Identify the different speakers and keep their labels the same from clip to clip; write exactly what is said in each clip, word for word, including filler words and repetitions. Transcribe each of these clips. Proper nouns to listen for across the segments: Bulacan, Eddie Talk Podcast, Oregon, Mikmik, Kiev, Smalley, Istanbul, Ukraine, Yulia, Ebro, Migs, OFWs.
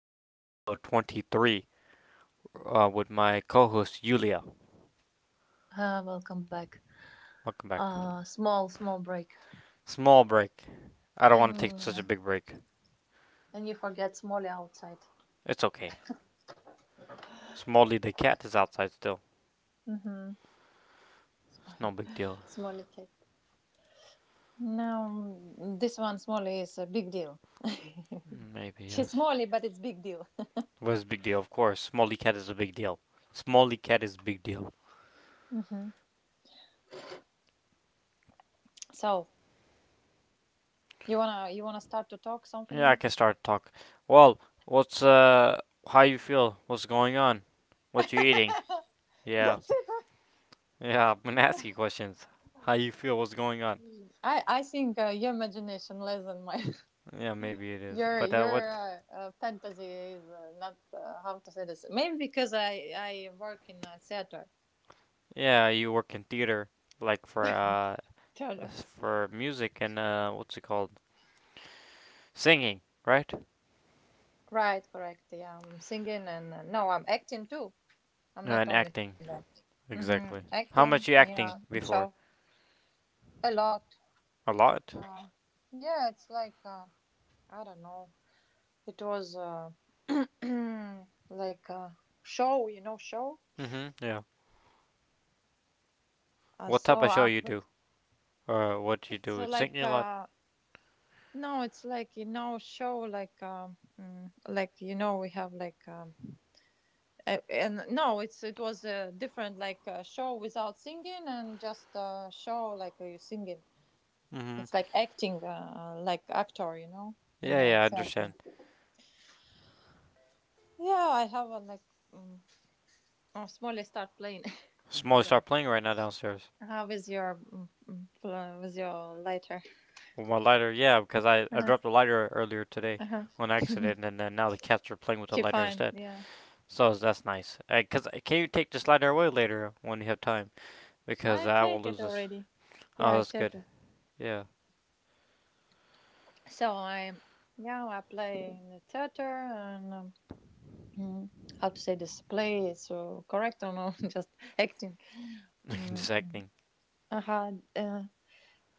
Speaker 1: episode twenty-three, uh, with my co host Yulia.
Speaker 2: Uh, welcome back.
Speaker 1: Welcome back.
Speaker 2: Uh, small, small break.
Speaker 1: Small break. I don't
Speaker 2: And
Speaker 1: want to take such
Speaker 2: uh,
Speaker 1: a big break.
Speaker 2: and you forget Smolly outside.
Speaker 1: It's okay. Smalley the cat is outside still. It's no big deal.
Speaker 2: Smally cat. No, this one Smally is a big deal.
Speaker 1: Maybe,
Speaker 2: She's
Speaker 1: yes.
Speaker 2: Smally, but it's big deal.
Speaker 1: What is a big deal? Of course, Smalley cat is a big deal. Smalley cat is a big deal.
Speaker 2: Mm-hmm. So you wanna you wanna start to talk
Speaker 1: Yeah, I
Speaker 2: something?
Speaker 1: can start to talk. Well, what's, uh, how you feel? What's going on? What you eating?
Speaker 2: That's
Speaker 1: Yeah.
Speaker 2: it.
Speaker 1: Yeah, I'm gonna ask you questions. How you feel? What's going on?
Speaker 2: I I think uh, your imagination less than mine.
Speaker 1: Yeah, maybe it is.
Speaker 2: your
Speaker 1: But uh,
Speaker 2: your
Speaker 1: what?
Speaker 2: uh, uh, fantasy is uh, not uh, how to say this. Maybe because I I work in uh, theater.
Speaker 1: Yeah, you work in theater, like for uh,
Speaker 2: Theater.
Speaker 1: s- for music and uh, what's it called? Singing, right?
Speaker 2: Right, correct. Yeah, I'm singing and uh, no, I'm acting too. I'm
Speaker 1: No,
Speaker 2: not
Speaker 1: and
Speaker 2: only
Speaker 1: acting.
Speaker 2: singing that. Mm-hmm.
Speaker 1: Exactly. How much
Speaker 2: Acting,
Speaker 1: you acting
Speaker 2: yeah,
Speaker 1: before?
Speaker 2: so a lot.
Speaker 1: A lot.
Speaker 2: Uh, yeah, it's like uh, I don't know. It was uh, like a show, you know, show.
Speaker 1: Mhm. Yeah.
Speaker 2: Uh,
Speaker 1: What type
Speaker 2: so
Speaker 1: of show
Speaker 2: uh,
Speaker 1: you do?
Speaker 2: but
Speaker 1: Uh, what you
Speaker 2: it's
Speaker 1: do?
Speaker 2: uh, like
Speaker 1: Singing a lot.
Speaker 2: uh, no, it's like you know, show like um, mm, like you know, we have like um, Uh, and no, it's it was a different like uh, show without singing and just uh, show like uh, you singing.
Speaker 1: Mhm.
Speaker 2: It's like acting, uh, like actor, you know, in
Speaker 1: Yeah,
Speaker 2: a
Speaker 1: yeah, I understand.
Speaker 2: theater. Yeah, I have a like. Um, oh, Smolly, start playing.
Speaker 1: Smoke
Speaker 2: Hold on.
Speaker 1: start playing right now downstairs.
Speaker 2: Uh, with your mm, mm, pl- with your lighter.
Speaker 1: With my lighter, yeah, because I I
Speaker 2: Uh-huh.
Speaker 1: dropped the lighter earlier today
Speaker 2: Uh-huh.
Speaker 1: on accident, and then now the cats are playing with the
Speaker 2: She
Speaker 1: lighter
Speaker 2: fine.
Speaker 1: instead.
Speaker 2: Yeah,
Speaker 1: So that's nice. Uh, Cause uh, can you take the slider away later when you have time? Because
Speaker 2: I
Speaker 1: I will
Speaker 2: take
Speaker 1: lose
Speaker 2: it
Speaker 1: this.
Speaker 2: already. Yeah,
Speaker 1: Oh,
Speaker 2: I
Speaker 1: that's
Speaker 2: take
Speaker 1: good.
Speaker 2: it.
Speaker 1: Yeah,
Speaker 2: So I, yeah, I play in the theater and. Um, mm, how to say display is so correct or no? Just acting. mm,
Speaker 1: just acting.
Speaker 2: I had uh,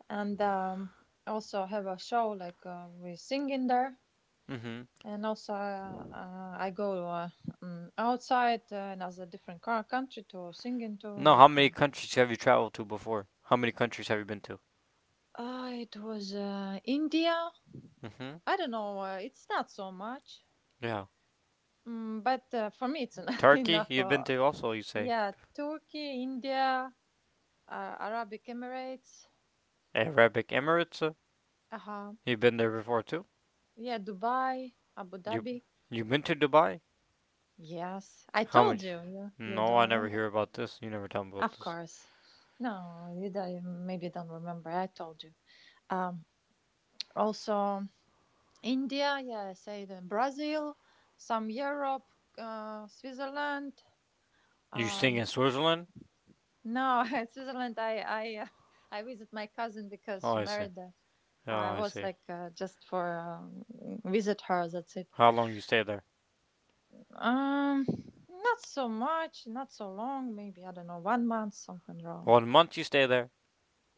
Speaker 2: and um, also have a show like uh, we sing in there
Speaker 1: Mhm.
Speaker 2: and also uh, uh, I go uh, um, outside uh, another different co- country to sing into
Speaker 1: No, how
Speaker 2: like
Speaker 1: many
Speaker 2: uh,
Speaker 1: countries have you traveled to before? How many countries have you been to?
Speaker 2: uh, it was uh, India.
Speaker 1: Mhm.
Speaker 2: I don't know, uh, it's not so much,
Speaker 1: Yeah.
Speaker 2: mm, but uh, for me it's
Speaker 1: Turkey,
Speaker 2: enough.
Speaker 1: you've been
Speaker 2: uh,
Speaker 1: to also. You say
Speaker 2: yeah, Turkey, India, uh, Arabic Emirates.
Speaker 1: Arabic Emirates. uh,
Speaker 2: Uh huh.
Speaker 1: You've been there before too.
Speaker 2: Yeah, Dubai, Abu
Speaker 1: You,
Speaker 2: Dhabi.
Speaker 1: you've been to Dubai.
Speaker 2: Yes, I
Speaker 1: How
Speaker 2: told
Speaker 1: many?
Speaker 2: you. You you
Speaker 1: No,
Speaker 2: don't
Speaker 1: I never
Speaker 2: remember?
Speaker 1: hear about this. You never tell me about
Speaker 2: Of
Speaker 1: this.
Speaker 2: course. No, you don't, maybe don't remember. I told you. Um, also India. Yeah, I said uh, Brazil, some Europe, uh, Switzerland.
Speaker 1: You sing
Speaker 2: Um,
Speaker 1: in Switzerland?
Speaker 2: no, Switzerland. I I uh, I visit my cousin because
Speaker 1: Oh,
Speaker 2: she
Speaker 1: I see.
Speaker 2: married. There.
Speaker 1: Oh,
Speaker 2: I
Speaker 1: I
Speaker 2: was
Speaker 1: see.
Speaker 2: like uh, just for um, visit her. That's it.
Speaker 1: How long you stay there?
Speaker 2: Um, Not so much, not so long. Maybe I don't know, one month, something around.
Speaker 1: One month you stay there.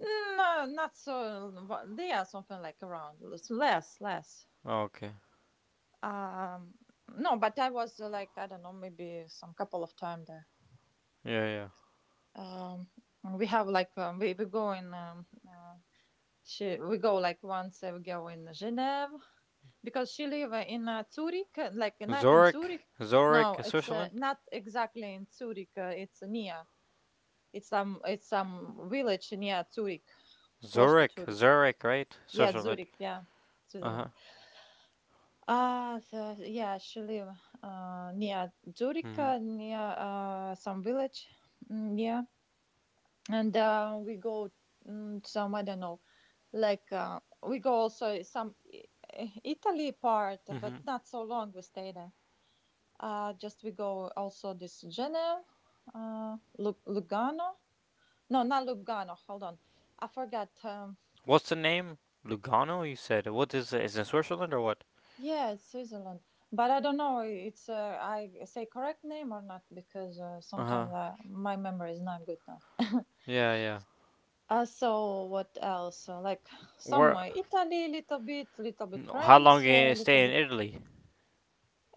Speaker 2: No, not so. Yeah, something like around less, less, less.
Speaker 1: Oh, okay.
Speaker 2: Um, no, but I was uh, like I don't know, maybe some couple of time there.
Speaker 1: Yeah, yeah.
Speaker 2: Um, we have like um, we we go in um, uh, she we go like once uh, we go in Geneva because she live uh, in uh, Zurich, uh, like not in
Speaker 1: Zurich,
Speaker 2: Zurich.
Speaker 1: Zurich,
Speaker 2: No, it's uh,
Speaker 1: Switzerland.
Speaker 2: not exactly in Zurich. Uh, it's near. It's some it's some village near Zurich, close to
Speaker 1: Zurich,
Speaker 2: Zurich.
Speaker 1: Zurich, right?
Speaker 2: Yeah,
Speaker 1: Switzerland.
Speaker 2: Zurich. Yeah,
Speaker 1: Uh huh.
Speaker 2: Switzerland. Uh so, yeah, she live uh, near Zurich,
Speaker 1: Mhm.
Speaker 2: uh, near uh, some village. Mm, yeah, and uh, we go mm, some I don't know, like uh, we go also some I- I- Italy part, but
Speaker 1: Mhm.
Speaker 2: not so long. We stay there. Uh, just we go also this Geneva, uh, Lu- Lugano. No, not Lugano. Hold on, I forgot. Um,
Speaker 1: What's the name? Lugano, you said. What is it? Is it Switzerland or what?
Speaker 2: Yeah, it's Switzerland, but I don't know. It's uh, I say correct name or not because uh,
Speaker 1: Uh huh.
Speaker 2: sometimes I, my memory is not good now.
Speaker 1: Yeah, yeah.
Speaker 2: Uh, so what else? Uh, like some
Speaker 1: Where?
Speaker 2: uh, Italy, little bit, little bit
Speaker 1: No, How long
Speaker 2: France, uh,
Speaker 1: you
Speaker 2: little
Speaker 1: stay in
Speaker 2: bit.
Speaker 1: Italy?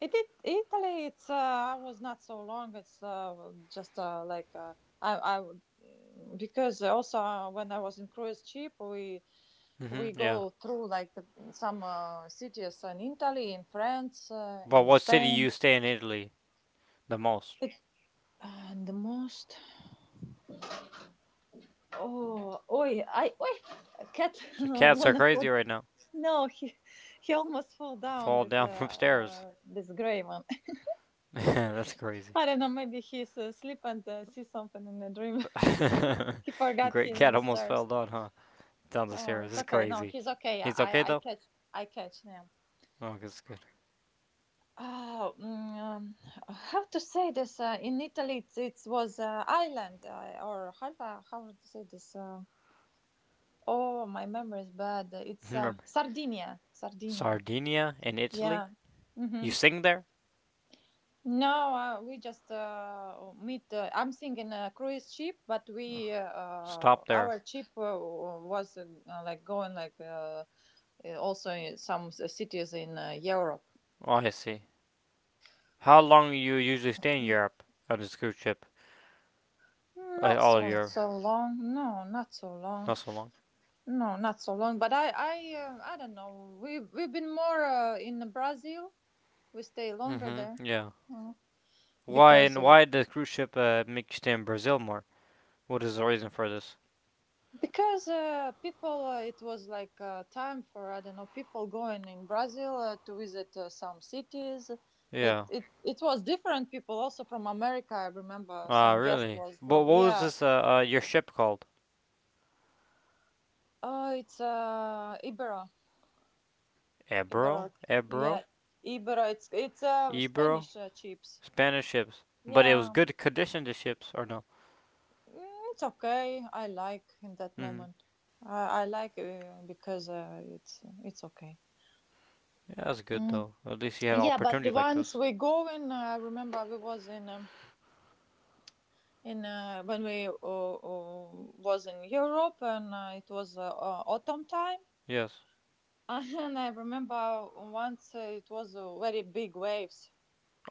Speaker 2: It, it Italy. It's uh, I was not so long. It's uh, just uh, like uh, I I would- mm, because also uh, when I was in cruise ship we we
Speaker 1: Mhm. Yeah.
Speaker 2: go through like some uh, cities in Italy, in France, uh,
Speaker 1: But
Speaker 2: in
Speaker 1: what city
Speaker 2: Spain.
Speaker 1: you stay in Italy the most?
Speaker 2: And the most. Oh, oi, I, oi, a cat
Speaker 1: So cats are
Speaker 2: wanna
Speaker 1: crazy
Speaker 2: fall.
Speaker 1: right now.
Speaker 2: No, he, he almost fall down.
Speaker 1: Fall
Speaker 2: This, uh,
Speaker 1: down from stairs.
Speaker 2: uh this gray one.
Speaker 1: That's crazy.
Speaker 2: I don't know. Maybe he's asleep and uh, see something in the dream. he, he forgot
Speaker 1: Great
Speaker 2: he's in
Speaker 1: cat
Speaker 2: the
Speaker 1: almost fell
Speaker 2: stairs.
Speaker 1: down, huh? Down the
Speaker 2: Oh,
Speaker 1: stairs.
Speaker 2: it's
Speaker 1: It's
Speaker 2: okay. No,
Speaker 1: crazy.
Speaker 2: he's okay. I,
Speaker 1: He's okay
Speaker 2: I I
Speaker 1: though.
Speaker 2: catch, I catch him.
Speaker 1: Oh, that's good.
Speaker 2: Oh, mm, um, how to say this? Uh, in Italy, it, it was uh, island uh, or how, how to say this? Uh, Oh, my memory is bad. It's uh, Sardinia. Sardinia.
Speaker 1: Sardinia in Italy?
Speaker 2: Yeah.
Speaker 1: You
Speaker 2: Mm-hmm.
Speaker 1: sing there?
Speaker 2: No, uh, we just uh, meet. Uh, I'm thinking a cruise ship, but we uh, uh,
Speaker 1: Stop there.
Speaker 2: our ship uh, was uh, like going like uh, also in some cities in uh, Europe.
Speaker 1: Oh, I see. How long you usually stay in Europe on this cruise ship? Uh,
Speaker 2: Not
Speaker 1: all
Speaker 2: so
Speaker 1: of Europe.
Speaker 2: so long. No, not so long.
Speaker 1: Not so long.
Speaker 2: No, not so long. But I I uh, I don't know. We we've been more uh, in Brazil. We stay longer there
Speaker 1: Mm-hmm. Yeah.
Speaker 2: uh,
Speaker 1: Why
Speaker 2: because
Speaker 1: and
Speaker 2: uh,
Speaker 1: why the cruise ship uh, make you stay in Brazil more? What is the reason for this?
Speaker 2: Because uh, people, uh, it was like uh, time for I don't know people going in Brazil uh, to visit uh, some cities. It
Speaker 1: Yeah.
Speaker 2: it it was different people also from America. I remember
Speaker 1: Ah, uh,
Speaker 2: some guest
Speaker 1: really?
Speaker 2: was
Speaker 1: But
Speaker 2: from,
Speaker 1: what was
Speaker 2: yeah.
Speaker 1: this? Uh, uh, your ship called?
Speaker 2: Oh, it's uh Ibero. Ibero,
Speaker 1: Ebro, Ebro,
Speaker 2: yeah, Ibero. It's it's uh
Speaker 1: Ebro.
Speaker 2: Spanish uh, chips.
Speaker 1: Spanish ships. But it was
Speaker 2: Yeah,
Speaker 1: good condition. The ships or no?
Speaker 2: mm, it's okay. I like in that
Speaker 1: Mm-hmm.
Speaker 2: moment. I I like uh, because uh, it's it's okay.
Speaker 1: Yeah, that's good
Speaker 2: Mm.
Speaker 1: though. At least you have
Speaker 2: Yeah, but
Speaker 1: opportunity like
Speaker 2: once
Speaker 1: this.
Speaker 2: we go in, uh, I remember we was in um, in uh, when we uh, uh, was in Europe and uh, it was uh, uh, autumn time,
Speaker 1: Yes.
Speaker 2: and I remember once uh, it was uh, very big waves.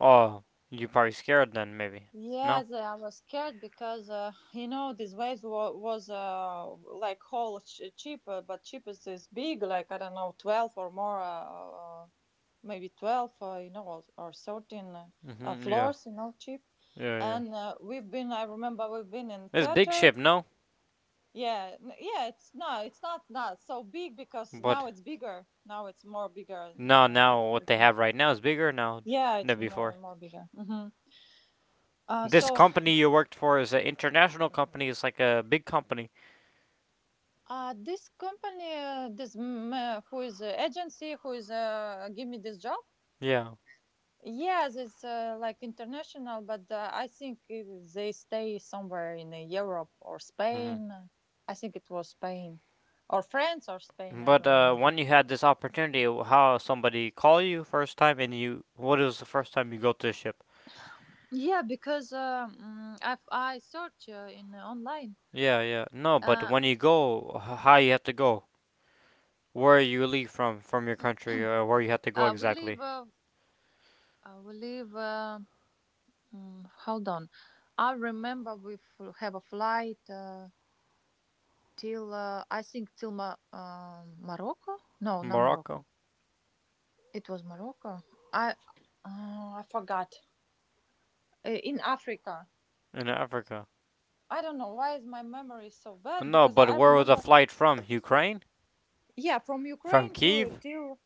Speaker 1: Oh, you probably scared then, maybe. No?
Speaker 2: Yes, I was scared because uh, you know this waves wa- was uh, like whole ch- cheaper, but cheapest is big, like I don't know, twelve or more, uh, uh, maybe twelve, uh, you know, or, or thirteen uh, uh,
Speaker 1: Hmm, yeah.
Speaker 2: floors, you know, cheap.
Speaker 1: Yeah, yeah.
Speaker 2: And uh, we've been, I remember, we've been in
Speaker 1: This big
Speaker 2: theater.
Speaker 1: ship, no?
Speaker 2: Yeah, n- yeah, it's no, it's not not so big because now
Speaker 1: But
Speaker 2: it's bigger. Now it's more bigger.
Speaker 1: no, now
Speaker 2: Uh,
Speaker 1: what they have right now is bigger now
Speaker 2: yeah, it's
Speaker 1: than before.
Speaker 2: more more bigger. hmm uh,
Speaker 1: This
Speaker 2: so
Speaker 1: company you worked for is an international company. It's like a big company.
Speaker 2: Uh, this company, uh, this mm, uh, who is uh, agency, who is uh, give me this job.
Speaker 1: Yeah.
Speaker 2: Yes, it's uh, like international, but uh, I think it, they stay somewhere in uh, Europe or
Speaker 1: Hmm.
Speaker 2: Spain. I think it was Spain, or France or Spain. I
Speaker 1: But
Speaker 2: don't
Speaker 1: uh,
Speaker 2: remember.
Speaker 1: when you had this opportunity, how somebody call you first time and you, what was the first time you go to the ship?
Speaker 2: Yeah, because um, I I search uh, in uh, online.
Speaker 1: Yeah, yeah. No, but
Speaker 2: Uh,
Speaker 1: when you go, h- how you have to go? Where you leave from, from your country, or where you have to go
Speaker 2: uh, we live.
Speaker 1: exactly?
Speaker 2: Uh, uh, we live. Uh, mm, hold on, I remember we fl- have a flight. Uh, till uh, I think till Ma- um Morocco. No, not Morocco.
Speaker 1: Morocco.
Speaker 2: It was Morocco. I uh, I forgot. Uh, in Africa.
Speaker 1: In Africa.
Speaker 2: I don't know why is my memory so bad
Speaker 1: No,
Speaker 2: because
Speaker 1: but
Speaker 2: I
Speaker 1: where was the
Speaker 2: remember.
Speaker 1: flight from? Ukraine?
Speaker 2: Yeah, from
Speaker 1: From
Speaker 2: Ukraine to
Speaker 1: Kiev?
Speaker 2: till.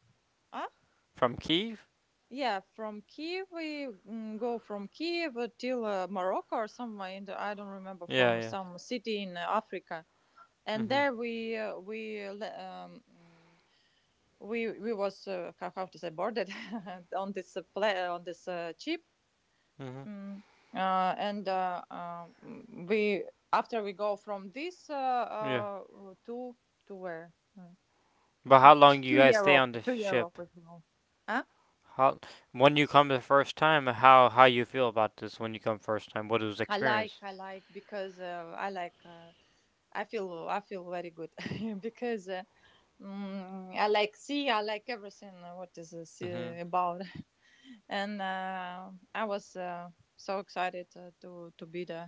Speaker 2: Huh?
Speaker 1: From Kiev?
Speaker 2: Yeah, from Kiev we mm, go from Kiev till uh, Morocco or somewhere. In the, I don't remember
Speaker 1: Yeah,
Speaker 2: from
Speaker 1: yeah.
Speaker 2: some city in uh, Africa and
Speaker 1: Mhm.
Speaker 2: there we uh, we le- um, mm, we we was uh, how, how to say boarded. On this uh, play on this uh, chip.
Speaker 1: Mhm.
Speaker 2: mm. Uh, and uh, um, mm, we after we go from this uh,
Speaker 1: Yeah.
Speaker 2: uh, to to where. Uh,
Speaker 1: But how long do you
Speaker 2: to
Speaker 1: guys stay on
Speaker 2: Europe,
Speaker 1: the
Speaker 2: to Europe
Speaker 1: ship?
Speaker 2: as well.
Speaker 1: How when you come the first time? How how you feel about this when you come first time? What was the
Speaker 2: I like,
Speaker 1: experience?
Speaker 2: I like because uh, I like. Uh, I feel, I feel very good because uh, mm, I like see, I like everything. uh, What is this uh,
Speaker 1: Mhm.
Speaker 2: about? And uh, I was uh, so excited uh, to to be there.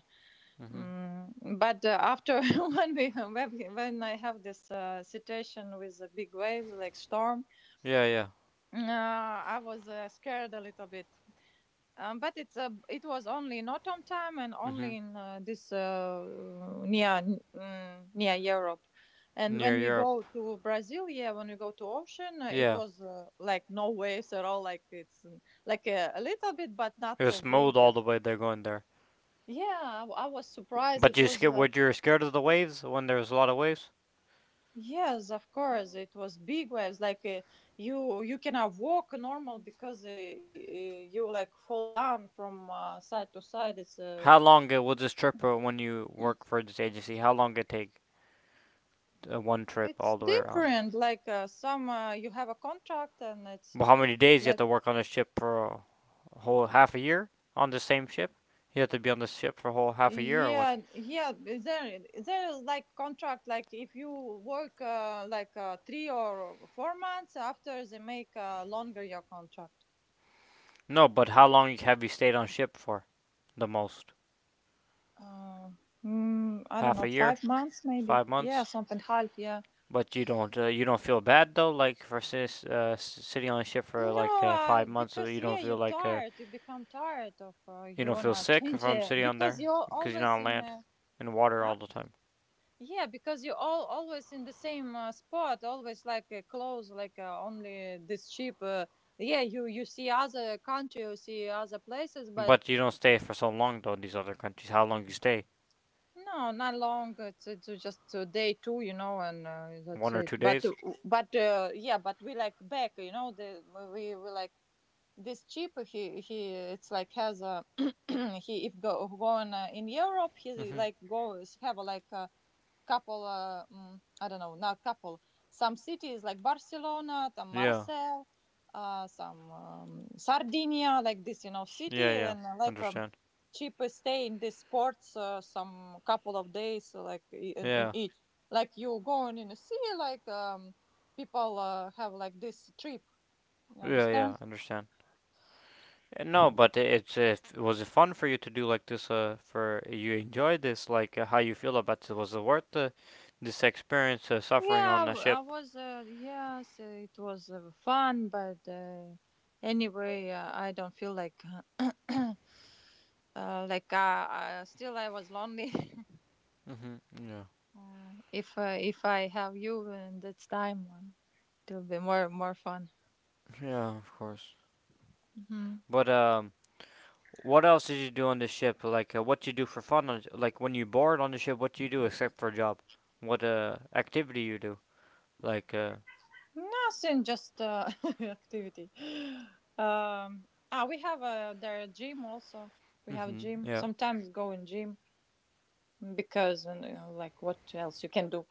Speaker 1: Mhm.
Speaker 2: Mm, but uh, after when we when we- when I have this uh, situation with the big waves like storm,
Speaker 1: Yeah, yeah.
Speaker 2: uh, I was uh, scared a little bit. Um, but it's a. it was only not on time and
Speaker 1: Mhm.
Speaker 2: only in uh, this uh, near mm, near Europe. And when
Speaker 1: Near
Speaker 2: we
Speaker 1: Europe.
Speaker 2: go to Brazil, yeah, when we go to ocean, uh, it
Speaker 1: Yeah.
Speaker 2: was uh, like no waves at all. Like it's mm, like a, a little bit, but
Speaker 1: It
Speaker 2: not
Speaker 1: was
Speaker 2: so big.
Speaker 1: smooth all the way they're going there.
Speaker 2: Yeah, I, w- I was surprised.
Speaker 1: But
Speaker 2: It
Speaker 1: you
Speaker 2: was
Speaker 1: scared? Were
Speaker 2: like.
Speaker 1: you scared of the waves when there was a lot of waves?
Speaker 2: Yes, of course, it was big waves. Like uh, you you cannot walk normal because uh, y- y- you like fall down from uh, side to side. It's uh,
Speaker 1: How long it will this trip uh, when you work for this agency? How long it take? Uh, one trip
Speaker 2: It's
Speaker 1: all the way around.
Speaker 2: different. Like uh, some, uh, you have a contract, and it's
Speaker 1: Well, how many days you have
Speaker 2: like
Speaker 1: to work on a ship for a whole half a year on the same ship? You have to be on the ship for a whole half a year or what?
Speaker 2: yeah, yeah. There, there is like contract. Like if you work uh, like uh, three or four months after they make uh, longer your contract.
Speaker 1: No, but how long have you stayed on ship for? The most
Speaker 2: Uh, mm, I don't
Speaker 1: half
Speaker 2: know,
Speaker 1: a year,
Speaker 2: five months maybe.
Speaker 1: five
Speaker 2: Yeah,
Speaker 1: months.
Speaker 2: something half. Yeah.
Speaker 1: But you don't uh, you don't feel bad though, like for sis, uh, sitting on a ship for like
Speaker 2: No,
Speaker 1: uh,
Speaker 2: uh,
Speaker 1: five months.
Speaker 2: because
Speaker 1: you
Speaker 2: yeah,
Speaker 1: don't feel
Speaker 2: you're
Speaker 1: like uh,
Speaker 2: tired. You become tired of. Uh,
Speaker 1: you
Speaker 2: you
Speaker 1: don't feel
Speaker 2: wanna
Speaker 1: sick
Speaker 2: change
Speaker 1: from
Speaker 2: it
Speaker 1: sitting on
Speaker 2: because
Speaker 1: there
Speaker 2: you're
Speaker 1: because you're not
Speaker 2: always
Speaker 1: on
Speaker 2: in.
Speaker 1: land
Speaker 2: Uh,
Speaker 1: and water all the time.
Speaker 2: Yeah, because you all always in the same uh, spot, always like uh, close, like uh, only this cheap. Uh, yeah, you you see other country, you see other places, but
Speaker 1: But you don't stay for so long though in these other countries. How long you stay?
Speaker 2: no, not long. It's, it's just uh, day two, you know, and uh,
Speaker 1: One
Speaker 2: that's
Speaker 1: or
Speaker 2: it.
Speaker 1: two
Speaker 2: But uh,
Speaker 1: days?
Speaker 2: but uh, yeah, but we like back, you know. The we we like this chip. He he it's like has a he if go going uh, in Europe, he
Speaker 1: Hmm.
Speaker 2: like goes have a, like a couple uh, mm, I don't know, not couple, some cities like Barcelona, the
Speaker 1: Yeah.
Speaker 2: Marseille, uh, some um, Sardinia, like this, you know, city
Speaker 1: Yeah, yeah.
Speaker 2: and uh, like um
Speaker 1: Understand.
Speaker 2: cheap stay in these ports, uh, some couple of days, uh, like i- in, in
Speaker 1: Yeah.
Speaker 2: each, like you going in the sea, like um people uh, have like this trip, you
Speaker 1: Yeah,
Speaker 2: understand.
Speaker 1: yeah. Understand. Uh, No, but it's uh, f- was it fun for you to do like this? Uh, for you enjoyed this? Like uh, how you feel about it? Was it worth uh, this experience uh, suffering
Speaker 2: Yeah,
Speaker 1: on the
Speaker 2: w- I
Speaker 1: ship?
Speaker 2: was. Uh, yes, uh, it was uh, fun, but uh, anyway, uh, I don't feel like uh, like I, I still, I was lonely.
Speaker 1: Mhm. Yeah.
Speaker 2: Uh, if uh, if I have you in that time, uh, it will be more more fun.
Speaker 1: Yeah, of course.
Speaker 2: Hmm.
Speaker 1: But um, what else did you do on the ship? Like uh, what you do for fun? On, like when you bored on the ship, what do you do except for a job? What uh activity you do? Like uh.
Speaker 2: Nothing, just uh, activity. Um, ah, we have a the gym also. We have
Speaker 1: Mhm.
Speaker 2: gym.
Speaker 1: Yeah.
Speaker 2: Sometimes go in gym because uh, you know, like what else you can do.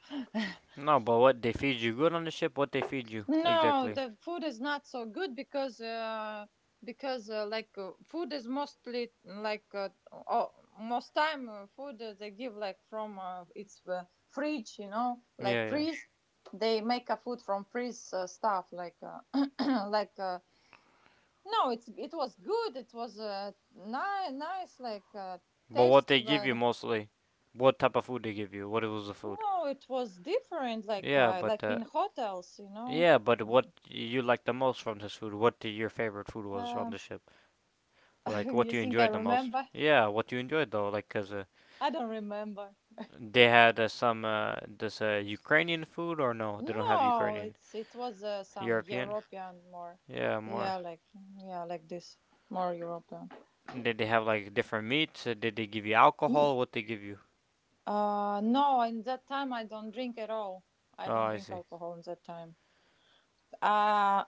Speaker 1: No, but what they feed you good on the ship, what they feed you
Speaker 2: No,
Speaker 1: exactly.
Speaker 2: the food is not so good because uh, because uh, like uh, food is mostly like uh, oh, most time, uh, food uh, they give like from uh, it's uh, fridge, you know, like
Speaker 1: Yeah, yeah.
Speaker 2: freeze. They make a food from freeze uh, stuff like uh, like uh, no, it's it was good. It was uh, ni- nice, like uh,
Speaker 1: But what
Speaker 2: tasty,
Speaker 1: they give
Speaker 2: but
Speaker 1: you mostly, what type of food they give you, what was the food.
Speaker 2: no, it was different. Like
Speaker 1: Yeah,
Speaker 2: uh,
Speaker 1: but
Speaker 2: like
Speaker 1: uh,
Speaker 2: in hotels, you know.
Speaker 1: yeah, but what you liked the most from this food, what the, your favorite food was from
Speaker 2: Um
Speaker 1: the ship, like what
Speaker 2: you
Speaker 1: you
Speaker 2: think I
Speaker 1: enjoyed the most.
Speaker 2: remember?
Speaker 1: Yeah, what you enjoyed though, like cause uh,
Speaker 2: I don't remember.
Speaker 1: they had uh, some uh, this uh, Ukrainian food or no, they don't have
Speaker 2: No,
Speaker 1: Ukrainian,
Speaker 2: it's it was uh, some
Speaker 1: European.
Speaker 2: European, more.
Speaker 1: Yeah, more.
Speaker 2: Yeah, like yeah, like this, more European.
Speaker 1: Did they have like different meats? Uh, did they give you alcohol? What they give you?
Speaker 2: Uh, no, in that time I don't drink at all. I
Speaker 1: Oh,
Speaker 2: don't
Speaker 1: I
Speaker 2: drink
Speaker 1: see.
Speaker 2: alcohol in that time. Uh,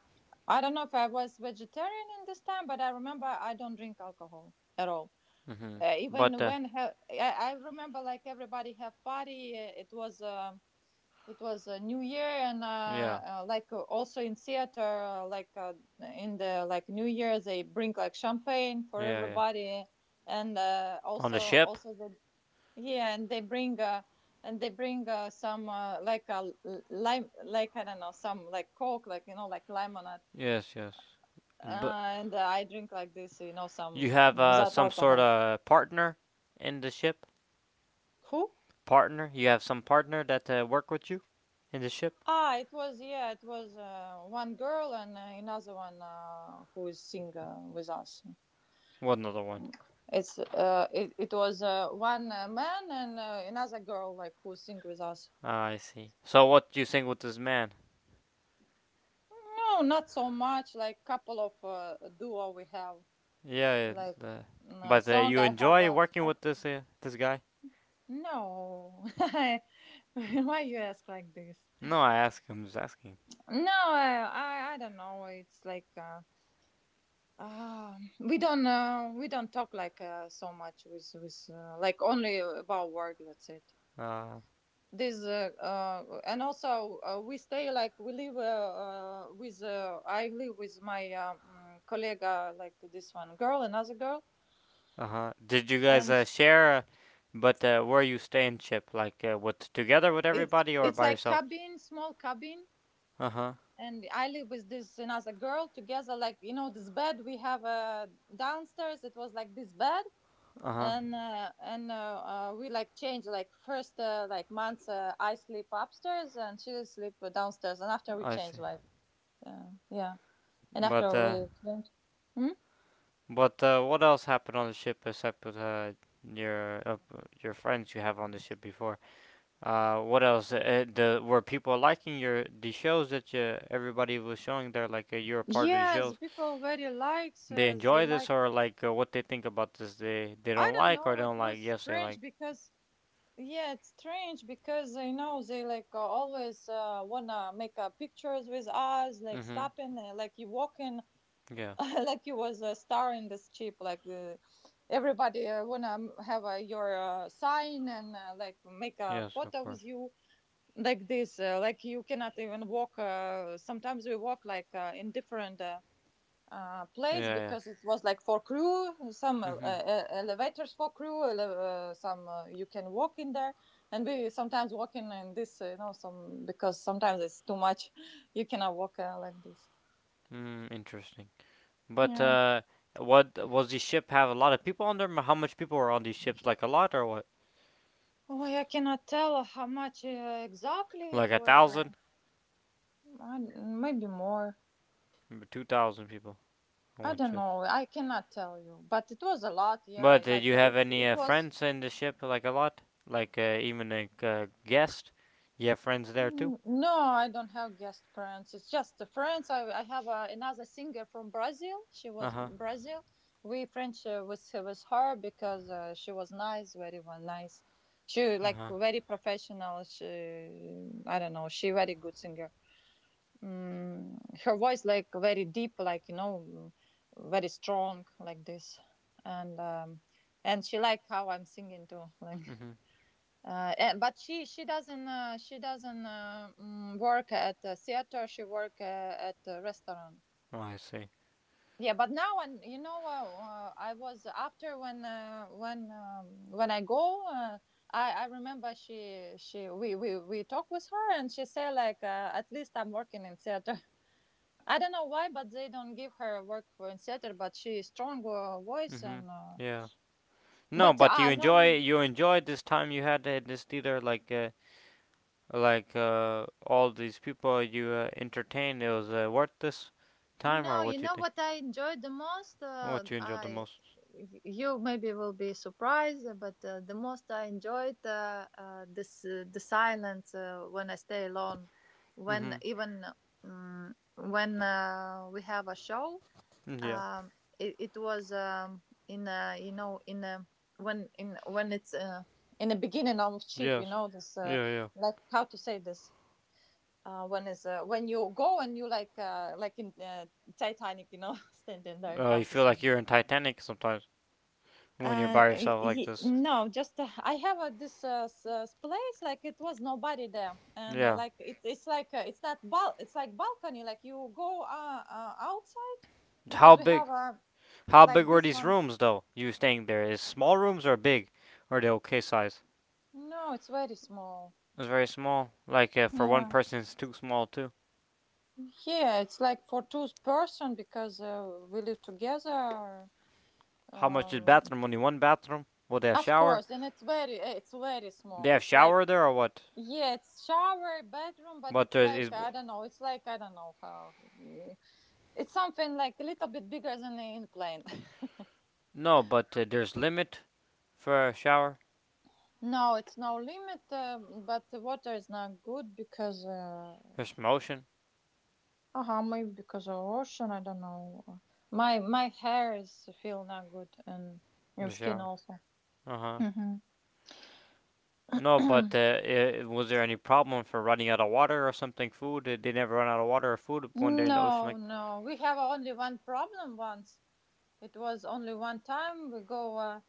Speaker 2: I don't know if I was vegetarian in this time, but I remember I don't drink alcohol at all.
Speaker 1: Mhm.
Speaker 2: Uh,
Speaker 1: But
Speaker 2: even
Speaker 1: uh,
Speaker 2: when he- I, I remember like everybody have party, uh, it was um it was a new year and uh,
Speaker 1: yeah,
Speaker 2: uh, like uh, also in theater uh, like uh, in the like new year they bring like champagne for
Speaker 1: yeah, yeah.
Speaker 2: everybody and uh,
Speaker 1: On
Speaker 2: also
Speaker 1: the ship?
Speaker 2: also the yeah, and they bring uh, and they bring uh, some uh, like a l- lime, like I don't know, some like coke, like you know, like lemonade,
Speaker 1: Yes, yes. And but
Speaker 2: uh, and uh, I drink like this, you know,
Speaker 1: you
Speaker 2: some
Speaker 1: have uh,
Speaker 2: without
Speaker 1: some sort
Speaker 2: alcohol.
Speaker 1: of partner in the ship?
Speaker 2: Who?
Speaker 1: Partner? You have some partner that uh, work with you in the ship?
Speaker 2: Ah, it was yeah, it was uh, one girl and uh, another one uh, who is singer with us.
Speaker 1: What another one?
Speaker 2: It's uh, it, it was uh, one uh, man and uh, another girl like who sing with us.
Speaker 1: Ah, I see. So what do you think with this man?
Speaker 2: No, not so much. Like couple of uh, duo we have.
Speaker 1: Yeah,
Speaker 2: Like
Speaker 1: yeah uh,
Speaker 2: uh,
Speaker 1: but uh,
Speaker 2: song
Speaker 1: you
Speaker 2: I have
Speaker 1: enjoy
Speaker 2: a.
Speaker 1: working
Speaker 2: I,
Speaker 1: with this uh, this guy?
Speaker 2: no, I- why you ask like this?
Speaker 1: No, I ask him. Just asking.
Speaker 2: No, I I, I don't know. It's like uh, uh, we don't uh, we don't talk like uh, so much with with uh, like only about work. That's it.
Speaker 1: Uh,
Speaker 2: This uh, uh and also uh, We stay like we live uh, uh with uh, I live with my um colleague, like this one girl, another girl.
Speaker 1: uh huh. Did you guys uh,
Speaker 2: And
Speaker 1: share? Uh, but uh, where you stay in ship, like uh, with together with
Speaker 2: it's
Speaker 1: everybody or
Speaker 2: it's
Speaker 1: by
Speaker 2: like
Speaker 1: yourself?
Speaker 2: cabin, small cabin,
Speaker 1: Uh huh.
Speaker 2: and I live with this another girl together, like you know, this bed we have uh downstairs. It was like this bed,
Speaker 1: Uh huh.
Speaker 2: and uh, and uh, uh, we like change, like first uh, like months, uh, I sleep upstairs and she sleep downstairs, and after we
Speaker 1: I see.
Speaker 2: change like uh, yeah. And after
Speaker 1: But
Speaker 2: a
Speaker 1: uh,
Speaker 2: week, do. Hmm?
Speaker 1: but uh, what else happened on the ship except with uh, your uh, your friends you have on the ship before? Uh, what else? Uh, eh, the were people liking your the shows that you, everybody was showing there? Like uh, you're a part of the
Speaker 2: Yeah, the
Speaker 1: shows.
Speaker 2: people very likes.
Speaker 1: They
Speaker 2: Uh, they
Speaker 1: enjoy this
Speaker 2: like.
Speaker 1: or like uh, what they think about this? They they
Speaker 2: I
Speaker 1: don't
Speaker 2: don't
Speaker 1: like or
Speaker 2: know. It
Speaker 1: don't like?
Speaker 2: was
Speaker 1: Yes, they
Speaker 2: strange
Speaker 1: like.
Speaker 2: because yeah, it's strange because you know they like uh, always uh, wanna make uh, pictures with us, like
Speaker 1: Mhm.
Speaker 2: stopping, uh, like you walking,
Speaker 1: Yeah.
Speaker 2: like you was a star in this chip. Like uh, everybody uh, wanna have uh, your uh, sign and uh, like make a
Speaker 1: Yes, of
Speaker 2: photo
Speaker 1: course.
Speaker 2: with you like this. Uh, like you cannot even walk. Uh, sometimes we walk like uh, in different. Uh, uh,
Speaker 1: Yeah.
Speaker 2: place,
Speaker 1: Yeah.
Speaker 2: because it was like for crew, some uh,
Speaker 1: Mhm.
Speaker 2: uh, elevators for crew, uh, some uh, you can walk in there, and we sometimes walk in in this, uh, you know, some, because sometimes it's too much, you cannot walk uh, like this.
Speaker 1: Mm, interesting. But
Speaker 2: Yeah.
Speaker 1: uh, what was the ship have a lot of people on there? How much people were on these ships? Like a lot or what?
Speaker 2: Oh, I cannot tell how much uh, exactly it
Speaker 1: Like a
Speaker 2: was. Uh,
Speaker 1: thousand,
Speaker 2: I, maybe more.
Speaker 1: two thousand people on
Speaker 2: I
Speaker 1: one
Speaker 2: don't
Speaker 1: ship.
Speaker 2: know. I cannot tell you, but it was a lot.
Speaker 1: But
Speaker 2: Yeah,
Speaker 1: did
Speaker 2: like
Speaker 1: you
Speaker 2: uh,
Speaker 1: have
Speaker 2: it's
Speaker 1: any
Speaker 2: it
Speaker 1: uh,
Speaker 2: was.
Speaker 1: friends in the ship? Like a lot? Like uh, even a uh, guest? You have friends there too?
Speaker 2: Mm, no, I don't have guest friends. It's just the friends. I, I have uh, another singer from Brazil. She
Speaker 1: Uh
Speaker 2: was
Speaker 1: huh.
Speaker 2: Brazil. We French uh, with with her because uh, she was nice, very well, nice. She
Speaker 1: Uh
Speaker 2: like
Speaker 1: huh.
Speaker 2: very professional. She, I don't know. She very good singer. Mm, her voice like very deep, like you know, very strong, like this, and um, and she like how I'm singing too.
Speaker 1: Mhm.
Speaker 2: Uh, and, but she she doesn't uh, she doesn't uh, mm, work at a theater, she work uh, at a restaurant.
Speaker 1: Oh, I see.
Speaker 2: Yeah, but now, and you know uh, uh, I was after when uh, when um, when I go uh, i i remember she she we we we talk with her and she say like uh, at least I'm working in theater. I don't know why, but they don't give her work for in theater, but she strong uh, voice
Speaker 1: Mhm.
Speaker 2: and uh,
Speaker 1: Yeah. No,
Speaker 2: but
Speaker 1: but
Speaker 2: ah uh,
Speaker 1: you
Speaker 2: no.
Speaker 1: enjoy
Speaker 2: mm,
Speaker 1: you enjoyed this time you had at this theater. Like uh, like uh, all these people you uh, entertained. It was uh, worth this time, or
Speaker 2: No, you
Speaker 1: what you
Speaker 2: know
Speaker 1: think?
Speaker 2: what I enjoyed the most? Uh,
Speaker 1: What you enjoyed the
Speaker 2: I
Speaker 1: most?
Speaker 2: y- you maybe will be surprised, uh, but uh, the most I enjoyed uh, uh, this uh, the silence uh, when I stay alone, when
Speaker 1: Mhm.
Speaker 2: even um, when uh, we have a show.
Speaker 1: Yeah.
Speaker 2: Um, it, it was um, in a, you know, in a, when in when it's uh, in the beginning of cheap, you
Speaker 1: Yes.
Speaker 2: know this uh,
Speaker 1: Yeah. Yeah.
Speaker 2: like how to say this, uh, when is uh, when you go and you like uh, like in uh, Titanic, you know, standing there.
Speaker 1: Uh,
Speaker 2: How
Speaker 1: you
Speaker 2: to
Speaker 1: feel
Speaker 2: say?
Speaker 1: like
Speaker 2: This.
Speaker 1: you're in Titanic sometimes when you're
Speaker 2: Uh,
Speaker 1: by yourself like
Speaker 2: he,
Speaker 1: this.
Speaker 2: no, just uh, I have uh, this uh, s- uh, place, like it was nobody there, and uh,
Speaker 1: Yeah.
Speaker 2: like it, it's like uh, it's not bal, it's like balcony. Like you go uh, uh, outside
Speaker 1: How
Speaker 2: because we have
Speaker 1: big?
Speaker 2: uh,
Speaker 1: How big
Speaker 2: like
Speaker 1: were
Speaker 2: this
Speaker 1: these
Speaker 2: one.
Speaker 1: rooms though? You staying there is small rooms or big, or are they okay size?
Speaker 2: No, it's very small.
Speaker 1: It's very small. Like uh, for one
Speaker 2: Yeah,
Speaker 1: person, it's too small too.
Speaker 2: yeah, it's like for two person because uh, we live together.
Speaker 1: How much is
Speaker 2: Um,
Speaker 1: bathroom? Only one bathroom. Will they have
Speaker 2: Of
Speaker 1: shower?
Speaker 2: course, and it's very eh, it's very
Speaker 1: They
Speaker 2: small.
Speaker 1: have
Speaker 2: It's like,
Speaker 1: shower there or what?
Speaker 2: yeah, it's shower, bedroom, but
Speaker 1: But there
Speaker 2: it's
Speaker 1: is
Speaker 2: like I don't know. It's like I don't know how. mm, It's something like a little bit bigger than an airplane.
Speaker 1: no. But uh, there's limit for a shower.
Speaker 2: No, it's no limit, uh, but the water is not good because uh,
Speaker 1: There's motion
Speaker 2: uh maybe because of ocean. I don't know. My my hair is feel not good, and
Speaker 1: in the
Speaker 2: and skin
Speaker 1: shower.
Speaker 2: also.
Speaker 1: Uh huh.
Speaker 2: Hmm.
Speaker 1: No, but uh, I was there any problem for running out of water or something? Food? Did they never run out of water or food one day in the ocean?
Speaker 2: No,
Speaker 1: Like,
Speaker 2: no, we have only one problem once. It was only one time we go. Uh,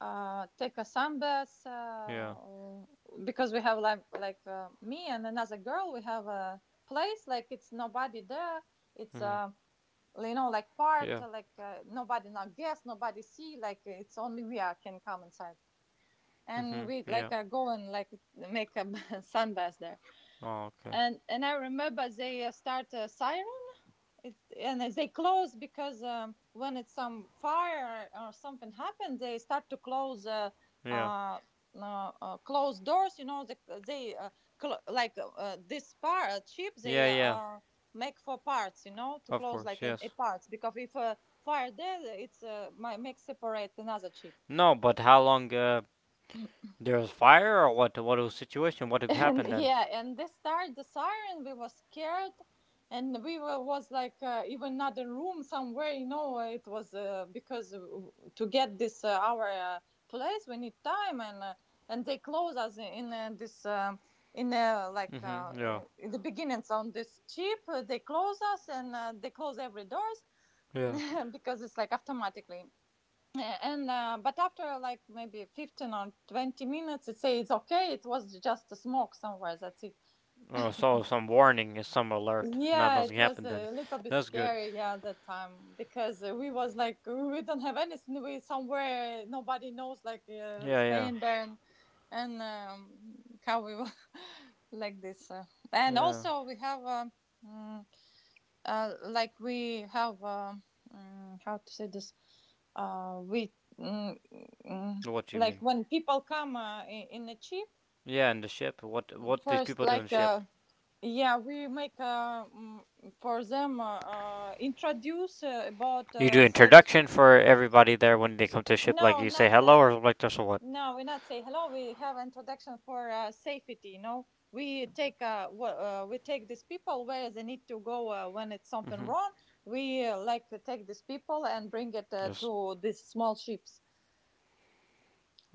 Speaker 2: uh, Take a sunbath
Speaker 1: yeah,
Speaker 2: uh, because we have like like uh, me and another girl. We have a place like it's nobody there. It's
Speaker 1: mm-hmm,
Speaker 2: uh, you know, like part,
Speaker 1: yeah,
Speaker 2: uh, like uh, nobody, not guess, nobody see, like it's only we are can come inside,
Speaker 1: mm-hmm,
Speaker 2: and we
Speaker 1: yeah.
Speaker 2: like uh, go and like make a sunbath there.
Speaker 1: Oh, okay.
Speaker 2: And and I remember they uh, start a siren. It's, and they close because um, when it's some fire or something happens, they start to close uh,
Speaker 1: Yeah,
Speaker 2: uh, uh, uh, close doors. You know, they they uh, cl- like uh, uh, this part uh, chip,
Speaker 1: yeah,
Speaker 2: they
Speaker 1: yeah.
Speaker 2: uh, make for parts. You know, to
Speaker 1: Of
Speaker 2: close
Speaker 1: course,
Speaker 2: like a, a
Speaker 1: yes.
Speaker 2: parts, because if uh, fire there, it's uh, might make separate another chip.
Speaker 1: No, but how long? Uh, there was fire or what? What was the situation? What
Speaker 2: And
Speaker 1: happened then?
Speaker 2: Yeah, and they started the siren, we were scared, and we were was like uh, even another room somewhere, you know, it was uh, because to get this uh, our uh, place we need time, and uh, and they close us in uh, this um in uh, like
Speaker 1: Mm-hmm. Yeah.
Speaker 2: uh, in the beginnings on this chip, uh, they close us and uh, they close every doors,
Speaker 1: Yes.
Speaker 2: because it's like automatically, uh, and uh, but after like maybe fifteen or twenty minutes it say it's okay, it was just a smoke somewhere, that's it.
Speaker 1: Oh, so some warning is some alert. Not
Speaker 2: Yeah, it
Speaker 1: nothing
Speaker 2: was
Speaker 1: happened then.
Speaker 2: a little bit
Speaker 1: That's good.
Speaker 2: scary, yeah, that time, because uh, we was like we don't have anything, we somewhere, nobody knows, like uh,
Speaker 1: Yeah, yeah,
Speaker 2: staying there, and and um, how we were like this. Uh. and
Speaker 1: yeah.
Speaker 2: also we have um, mm, uh, like we have um, mm, how to say this, uh, we mm, mm,
Speaker 1: What you
Speaker 2: like
Speaker 1: mean?
Speaker 2: when people come uh, in, in a chip,
Speaker 1: Yeah, in the ship. What? What these
Speaker 2: first,
Speaker 1: people do in the
Speaker 2: like
Speaker 1: ship?
Speaker 2: uh, yeah, we make uh, mm, for them uh, uh, introduce uh, about
Speaker 1: You do
Speaker 2: uh,
Speaker 1: introduction
Speaker 2: safety.
Speaker 1: for everybody there when they come to ship. Like
Speaker 2: No,
Speaker 1: you say
Speaker 2: not
Speaker 1: hello
Speaker 2: uh,
Speaker 1: or like this or what.
Speaker 2: no, we not say hello, we have introduction for uh, safety. You know, we take uh, w- uh, we take these people where they need to go uh, when it's something
Speaker 1: Hmm.
Speaker 2: wrong, we uh, like to take these people and bring it uh, to
Speaker 1: Just
Speaker 2: these small ships.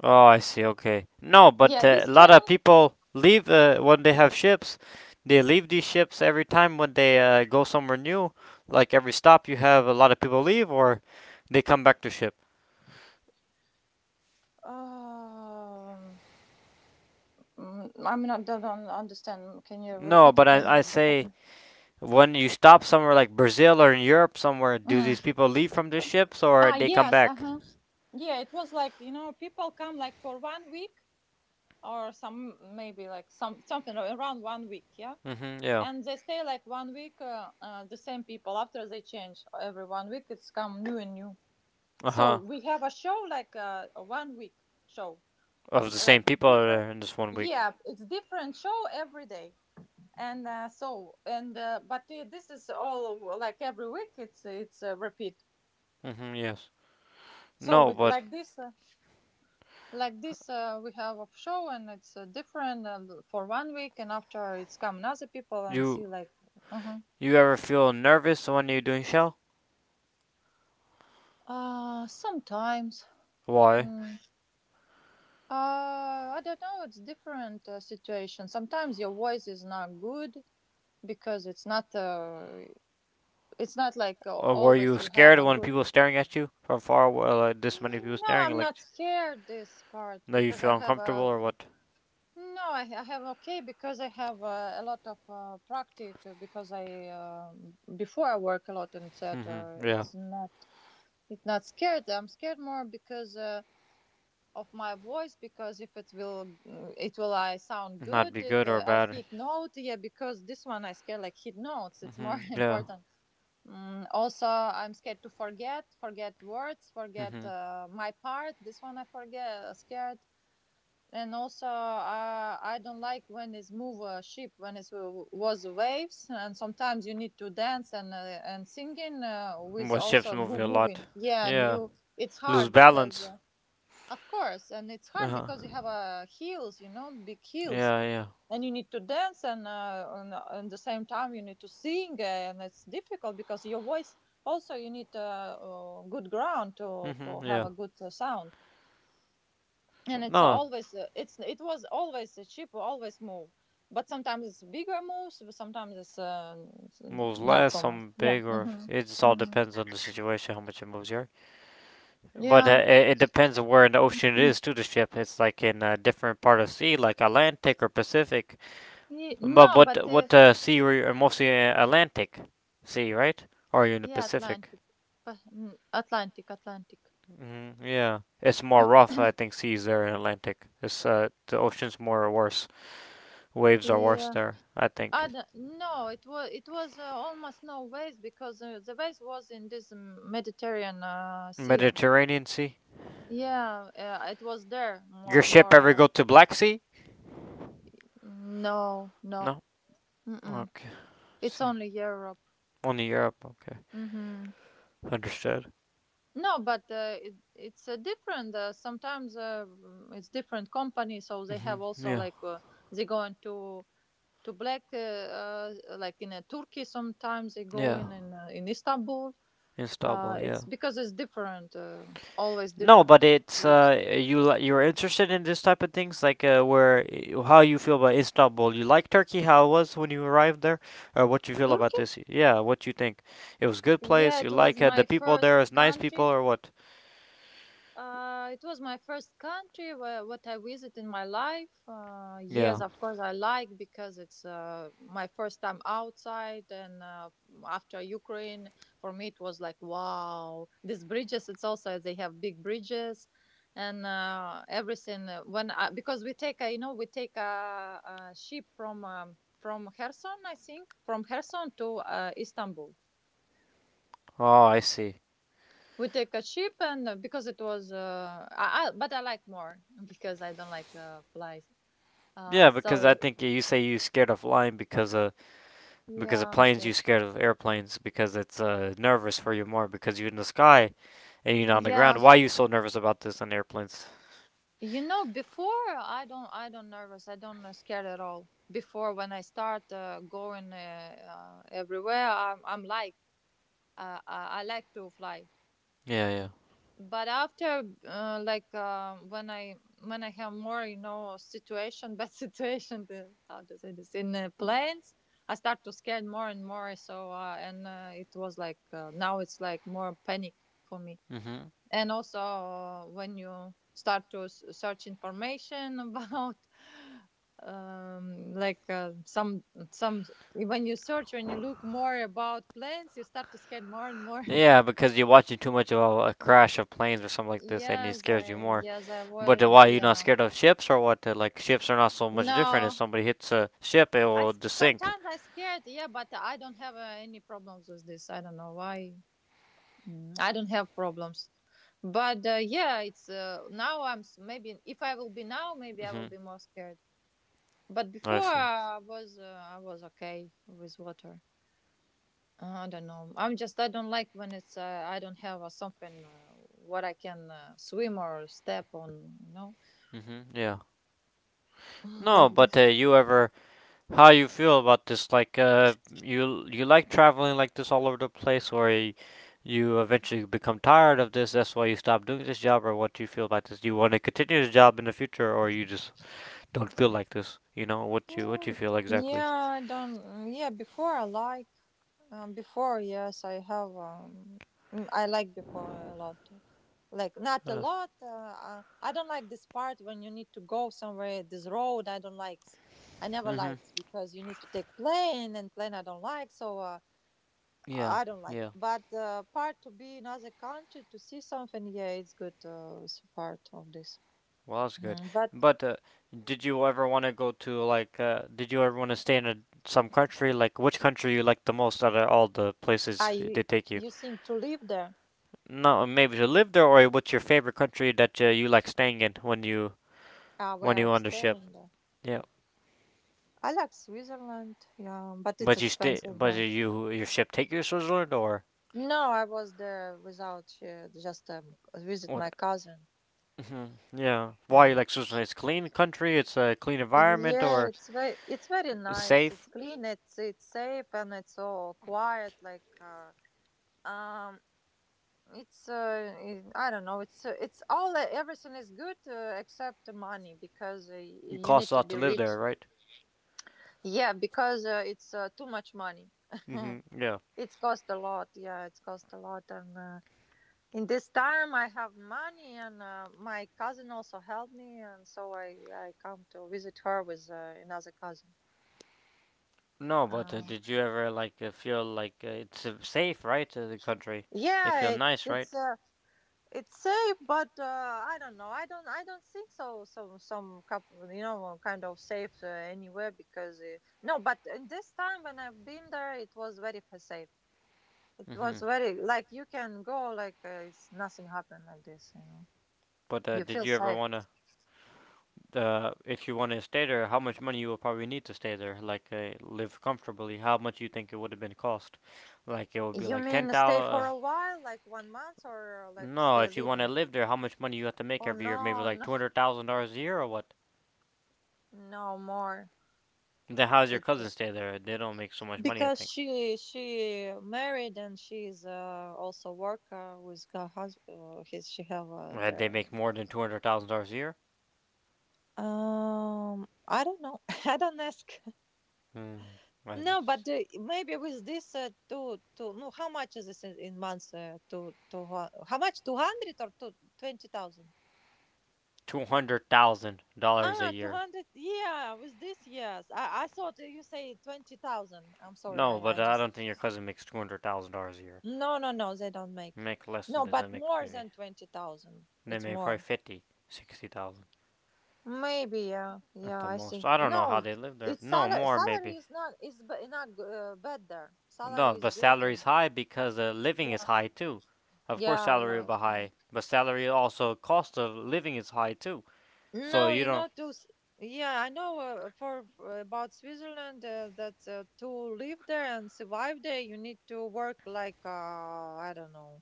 Speaker 1: oh, I see. Okay. No, but
Speaker 2: Yeah,
Speaker 1: uh, a
Speaker 2: this
Speaker 1: lot of
Speaker 2: training.
Speaker 1: people leave uh, when they have ships. They leave these ships every time when they uh, go somewhere new. Like every stop, you have a lot of people leave or they come back to ship.
Speaker 2: Um, mm, I mean, I don't don't understand. Can you
Speaker 1: No,
Speaker 2: repeat
Speaker 1: but
Speaker 2: again
Speaker 1: I I
Speaker 2: what you
Speaker 1: say
Speaker 2: happened?
Speaker 1: when you stop somewhere like Brazil or in Europe somewhere, do
Speaker 2: Mhm.
Speaker 1: these people leave from the ships or
Speaker 2: Ah,
Speaker 1: they come
Speaker 2: yes. Uh
Speaker 1: back?
Speaker 2: huh. Yeah, it was like you know, people come like for one week, or some maybe like some something around one week. Yeah.
Speaker 1: Hmm. Yeah.
Speaker 2: And they stay like one week, uh, uh, the same people. After they change every one week, it's come new and new.
Speaker 1: Uh
Speaker 2: So
Speaker 1: huh.
Speaker 2: we have a show like uh, a one week show,
Speaker 1: Of the same
Speaker 2: like
Speaker 1: people are
Speaker 2: different.
Speaker 1: there in this one week.
Speaker 2: Yeah, it's different show every day and uh, so and uh, but uh, this is all, uh, like every week it's it's a repeat.
Speaker 1: Mm-hmm, yes.
Speaker 2: So
Speaker 1: No,
Speaker 2: with
Speaker 1: but
Speaker 2: like this uh, like this uh, we have a show and it's uh, different, uh, for one week, and after it's come other people and
Speaker 1: you
Speaker 2: see like. uh
Speaker 1: you ever feel nervous when you're doing shell?
Speaker 2: uh Sometimes,
Speaker 1: Why?
Speaker 2: mm, uh I don't know, it's different, uh, situation. Sometimes your voice is not good because it's not uh it's not like, uh,
Speaker 1: Or were
Speaker 2: always
Speaker 1: you
Speaker 2: you have
Speaker 1: scared
Speaker 2: a
Speaker 1: when
Speaker 2: good.
Speaker 1: people staring at you from far away? Like this many people
Speaker 2: No,
Speaker 1: staring,
Speaker 2: I'm
Speaker 1: like
Speaker 2: not scared this part
Speaker 1: that you
Speaker 2: because
Speaker 1: feel
Speaker 2: I have
Speaker 1: uncomfortable
Speaker 2: a.
Speaker 1: or what?
Speaker 2: No, I, I have okay because I have uh, a lot of uh, practice, uh, because I, um, before I work a lot in theater.
Speaker 1: Mm-hmm, yeah.
Speaker 2: It's not it's not scared. I'm scared more because uh, of my voice because if it will uh, it will I sound
Speaker 1: Not
Speaker 2: good
Speaker 1: be
Speaker 2: if
Speaker 1: good
Speaker 2: uh,
Speaker 1: or
Speaker 2: I
Speaker 1: bad.
Speaker 2: hit note, yeah, because this one I scared like hit notes. It's more
Speaker 1: Mm-hmm, yeah.
Speaker 2: important. Mm, also, I'm scared to forget forget words, forget
Speaker 1: Mm-hmm.
Speaker 2: uh, my part. This one I forget, uh, scared. And also, uh, I don't like when it's move a ship when it was waves, and sometimes you need to dance and, uh, and singing, uh, with
Speaker 1: What ships
Speaker 2: also wo-
Speaker 1: moving a lot?
Speaker 2: moving, yeah, and
Speaker 1: Yeah.
Speaker 2: you. It's
Speaker 1: Lose
Speaker 2: hard because,
Speaker 1: balance.
Speaker 2: uh, of course, and it's
Speaker 1: Uh
Speaker 2: hard
Speaker 1: huh.
Speaker 2: because you have uh, heels, you know big heels,
Speaker 1: Yeah, yeah.
Speaker 2: and you need to dance and, uh, and, uh, and the same time you need to sing, uh, and it's difficult because your voice. Also you need uh, uh, good ground to
Speaker 1: Mm-hmm,
Speaker 2: for
Speaker 1: yeah.
Speaker 2: have a good, uh, sound. And it's
Speaker 1: No,
Speaker 2: always, uh, it's it was always a cheap, always move. But sometimes it's bigger moves, but sometimes it's, uh, s-
Speaker 1: moves
Speaker 2: not
Speaker 1: less.
Speaker 2: so much,
Speaker 1: Some
Speaker 2: yeah.
Speaker 1: big or
Speaker 2: Hmm.
Speaker 1: it just all
Speaker 2: Hmm.
Speaker 1: depends on the situation how much it moves. Your But uh,
Speaker 2: Yeah.
Speaker 1: it, it depends on where in the ocean it is to the ship. It's like in a different part of sea, like Atlantic or Pacific.
Speaker 2: Ye-
Speaker 1: But
Speaker 2: no, but,
Speaker 1: what
Speaker 2: uh,
Speaker 1: what uh, sea were you? uh, Mostly uh, Atlantic Sea, right? Or are you in the
Speaker 2: yeah,
Speaker 1: Pacific?
Speaker 2: Atlantic. Pa- n- atlantic atlantic
Speaker 1: Hmm. Yeah, it's more rough. I think seas there in Atlantic. It's uh, the ocean's more worse. Waves are worse
Speaker 2: Yeah,
Speaker 1: there. I
Speaker 2: I
Speaker 1: think
Speaker 2: don't, no, it was it was uh, almost no waves because, uh, the waves was in this, um, Mediterranean, uh, sea.
Speaker 1: Mediterranean Sea.
Speaker 2: Yeah, uh, it was there
Speaker 1: Your
Speaker 2: more
Speaker 1: ship ever go
Speaker 2: more
Speaker 1: to Black Sea?
Speaker 2: uh, No, no.
Speaker 1: No.
Speaker 2: Mm-mm.
Speaker 1: Okay.
Speaker 2: It's
Speaker 1: See,
Speaker 2: only Europe.
Speaker 1: only Europe. Okay,
Speaker 2: Mm-hmm.
Speaker 1: understood.
Speaker 2: No, but, uh, it, it's uh, different. Uh, sometimes, uh, mm, it's different company, so they
Speaker 1: Hmm.
Speaker 2: have also
Speaker 1: Yeah.
Speaker 2: like, uh, they go into to Black, uh, uh, like in, uh, Turkey. Sometimes they go
Speaker 1: Yeah.
Speaker 2: in in, uh, in Istanbul. Uh,
Speaker 1: Instable. Yeah.
Speaker 2: it's because it's different, uh, always
Speaker 1: No, but
Speaker 2: different.
Speaker 1: it's uh, you li- you're interested in this type of things, like uh, where y- how you feel about Istanbul. You like Turkey, how it was when you arrived there, or what you feel about
Speaker 2: Turkey?
Speaker 1: this? Yeah, what you think? It was good
Speaker 2: Yeah,
Speaker 1: place. You
Speaker 2: it was
Speaker 1: like uh,
Speaker 2: my
Speaker 1: the people there is
Speaker 2: first
Speaker 1: nice people,
Speaker 2: country.
Speaker 1: or what?
Speaker 2: Uh, it was my first country where, what I visited in my life. Uh,
Speaker 1: Yeah.
Speaker 2: yes, of course, I like because it's, uh, my first time outside, and, uh, after Ukraine, for me it was like wow. These bridges, it's also they have big bridges, and, uh, everything. uh, When I, because we take, a, you know, we take a, a ship from, um, from Kherson, I think, from Kherson to, uh, Istanbul.
Speaker 1: Oh, I see.
Speaker 2: We take a ship, and, uh, no, because it was, uh I, I but I like more because I don't like uh flies,
Speaker 1: Yeah,
Speaker 2: uh
Speaker 1: because I
Speaker 2: so.
Speaker 1: think you say you scared of flying because uh because of
Speaker 2: Yeah, I'm
Speaker 1: planes. You
Speaker 2: scared.
Speaker 1: scared of airplanes because it's uh nervous for you more because you're in the sky and you're not on the ground.
Speaker 2: Yeah,
Speaker 1: Why are you so nervous about this on airplanes?
Speaker 2: you know, before I don't, i don't nervous, I don't, uh, scared at all before when I start, uh, going, uh, uh, everywhere. i'm, I'm like, uh, I, I like to fly.
Speaker 1: Yeah,
Speaker 2: But after, uh, like, uh, when i when i have more, you know, situation bad situation, the, how to say this in, uh, planes. I start to scared more and more, so, uh, and uh, it was like, uh, now it's like more panic for me.
Speaker 1: yeah. Mhm.
Speaker 2: And also, uh, when you start to s- search information about, um like, uh, some some when you search, when you look more about planes, you start to scared more and more.
Speaker 1: Yeah, because you're watching too much of a, a crash of planes or something like this, and it
Speaker 2: Yes,
Speaker 1: scares you
Speaker 2: I
Speaker 1: more.
Speaker 2: yes, I
Speaker 1: But uh,
Speaker 2: would.
Speaker 1: why are you not
Speaker 2: Yeah.
Speaker 1: scared of ships or what? Uh, like ships are not so much different. If
Speaker 2: No,
Speaker 1: somebody hits a ship, it
Speaker 2: I
Speaker 1: will
Speaker 2: s-
Speaker 1: just sink.
Speaker 2: sometimes I scared. Yeah, but I don't have, uh, any problems with this. I don't know why. Mm, I don't have problems. But, uh, yeah, it's, uh, now I'm s- maybe if I will be now, maybe I
Speaker 1: Hmm.
Speaker 2: will be more scared. But
Speaker 1: I
Speaker 2: before
Speaker 1: see.
Speaker 2: I was, uh, I was okay with water. Uh, I don't know. I'm just, I don't like when it's, uh, I don't have, uh, something, uh, what I can, uh, swim or step on. You know.
Speaker 1: Hmm. Yeah. No, but uh, you ever how you feel about this? Like, uh, you you like traveling like this all over the place, or y- you eventually become tired of this? That's why you stop doing this job, or what do you feel about this? Do you want to continue this job in the future, or you just don't feel like this? You know what you what you
Speaker 2: Mm,
Speaker 1: feel exactly?
Speaker 2: yeah, I don't. mm, Yeah, before I like. Um, before, yes, I have. Um, mm, I like before a lot. Like not a
Speaker 1: Uh,
Speaker 2: lot. Uh, uh, I don't like this part when you need to go somewhere. This road I don't like. I never
Speaker 1: mhm.
Speaker 2: likes because you need to take plane and plane I don't like. So, uh,
Speaker 1: Yeah,
Speaker 2: I don't like.
Speaker 1: yeah.
Speaker 2: But, uh, part to be in other country to see something. Yeah, it's good. Uh, it's part of this.
Speaker 1: Well, that's good.
Speaker 2: Mhm. But
Speaker 1: But uh, did you ever want to go to like? Uh, did you ever want to stay in a, some country? Like, which country you like the most out of all the
Speaker 2: I
Speaker 1: places they
Speaker 2: you,
Speaker 1: take you?
Speaker 2: you seem to live there.
Speaker 1: No, maybe to live there, or what's your favorite country that uh, you like staying in when you
Speaker 2: Uh,
Speaker 1: when
Speaker 2: where
Speaker 1: you
Speaker 2: I'm
Speaker 1: on the ship?
Speaker 2: staying.
Speaker 1: Yeah.
Speaker 2: I like Switzerland, yeah, but it's
Speaker 1: But you stay.
Speaker 2: expensive
Speaker 1: But
Speaker 2: there.
Speaker 1: you your ship take you to Switzerland or
Speaker 2: No, I was there without, uh, just, um, visit
Speaker 1: what?
Speaker 2: my cousin.
Speaker 1: Hmm. Yeah. Why you
Speaker 2: Yeah.
Speaker 1: like Switzerland? It's clean country. It's a clean environment
Speaker 2: Yeah,
Speaker 1: or
Speaker 2: it's very it's very
Speaker 1: it's
Speaker 2: nice. It's
Speaker 1: safe.
Speaker 2: clean. It's it's safe and it's all quiet. Like, uh, um, it's, uh, it- I don't know. It's, uh, it's all everything is good, uh, except the money because, uh,
Speaker 1: It
Speaker 2: you
Speaker 1: costs
Speaker 2: need
Speaker 1: a
Speaker 2: to
Speaker 1: lot
Speaker 2: be
Speaker 1: to live there,
Speaker 2: rich.
Speaker 1: right?
Speaker 2: Yeah, because, uh, it's, uh, too much money.
Speaker 1: Mhm. Yeah.
Speaker 2: It's cost a lot. Yeah, it's cost a lot and. Uh, in this time I have money and, uh, my cousin also helped me, and so i i come to visit her with, uh, another cousin.
Speaker 1: No, but
Speaker 2: uh,
Speaker 1: uh, did you ever like uh, feel like uh, it's uh, safe, right? Uh, the country, it feel
Speaker 2: yeah,
Speaker 1: nice, right?
Speaker 2: it's, uh, it's safe, but, uh, I don't know, I don't, i don't think so. Some, some couple, you know, kind of safe, uh, anywhere because, uh, no, but in this time when I've been there it was very, fa- safe. It was
Speaker 1: Hmm.
Speaker 2: very, like, you can go, like, uh, it's nothing happened like this, you know.
Speaker 1: But uh,
Speaker 2: You
Speaker 1: did
Speaker 2: feel
Speaker 1: you ever
Speaker 2: safe.
Speaker 1: wanna, uh, if you wanna stay there, how much money you will probably need to stay there, like uh, live comfortably? How much you think it would have been cost? Like it would be
Speaker 2: You
Speaker 1: like ten
Speaker 2: mean stay for
Speaker 1: thousand.
Speaker 2: a while, like one month, or like
Speaker 1: No,
Speaker 2: stay
Speaker 1: if you wanna
Speaker 2: living?
Speaker 1: live there, how much money you have to make
Speaker 2: Oh,
Speaker 1: every year? Maybe
Speaker 2: no,
Speaker 1: like
Speaker 2: no,
Speaker 1: two hundred thousand dollars a year or what?
Speaker 2: no more.
Speaker 1: Then how's your
Speaker 2: It's, uh,
Speaker 1: cousin stay there? They don't make so much money, I
Speaker 2: because
Speaker 1: think.
Speaker 2: she she married and she's, uh, also worker with her, hus- uh, his, she have, uh,
Speaker 1: Uh,
Speaker 2: their.
Speaker 1: they make more than two hundred thousand dollars a year.
Speaker 2: um I don't know, I don't ask.
Speaker 1: Hmm. I
Speaker 2: No,
Speaker 1: just
Speaker 2: but, uh, maybe with this, uh, two two no, how much is this in, in months, uh, two two hu- how much, two hundred or two twenty thousand?
Speaker 1: two hundred thousand dollars a
Speaker 2: Ah,
Speaker 1: year.
Speaker 2: two hundred. Yeah, with this, yes. I, I thought you say twenty thousand. I'm sorry.
Speaker 1: No,
Speaker 2: I, I
Speaker 1: but I
Speaker 2: just.
Speaker 1: don't think your cousin makes two hundred thousand dollars a year.
Speaker 2: No, no, no. They don't make.
Speaker 1: Make less than
Speaker 2: No,
Speaker 1: that. They
Speaker 2: but
Speaker 1: make
Speaker 2: more
Speaker 1: maybe
Speaker 2: than twenty thousand.
Speaker 1: they
Speaker 2: It's
Speaker 1: make probably
Speaker 2: more.
Speaker 1: fifty, sixty thousand
Speaker 2: Maybe, yeah.
Speaker 1: at
Speaker 2: Yeah,
Speaker 1: the
Speaker 2: I
Speaker 1: most.
Speaker 2: think.
Speaker 1: I don't know how
Speaker 2: No,
Speaker 1: they live there.
Speaker 2: it's
Speaker 1: No
Speaker 2: salary.
Speaker 1: more
Speaker 2: Salary
Speaker 1: maybe.
Speaker 2: is not, is b- not g- uh, bad there.
Speaker 1: No,
Speaker 2: Salary is
Speaker 1: but
Speaker 2: good.
Speaker 1: salary's
Speaker 2: and-
Speaker 1: high because uh, living is
Speaker 2: Yeah.
Speaker 1: high too. Of course,
Speaker 2: Yeah,
Speaker 1: salary will
Speaker 2: yeah.
Speaker 1: be
Speaker 2: So.
Speaker 1: high, but salary also cost of living is high too. So
Speaker 2: No,
Speaker 1: you
Speaker 2: you know,
Speaker 1: don't
Speaker 2: to s- yeah, I know, uh, for for about Switzerland, uh, that, uh, to live there and survive there, you need to work like, uh, I don't know,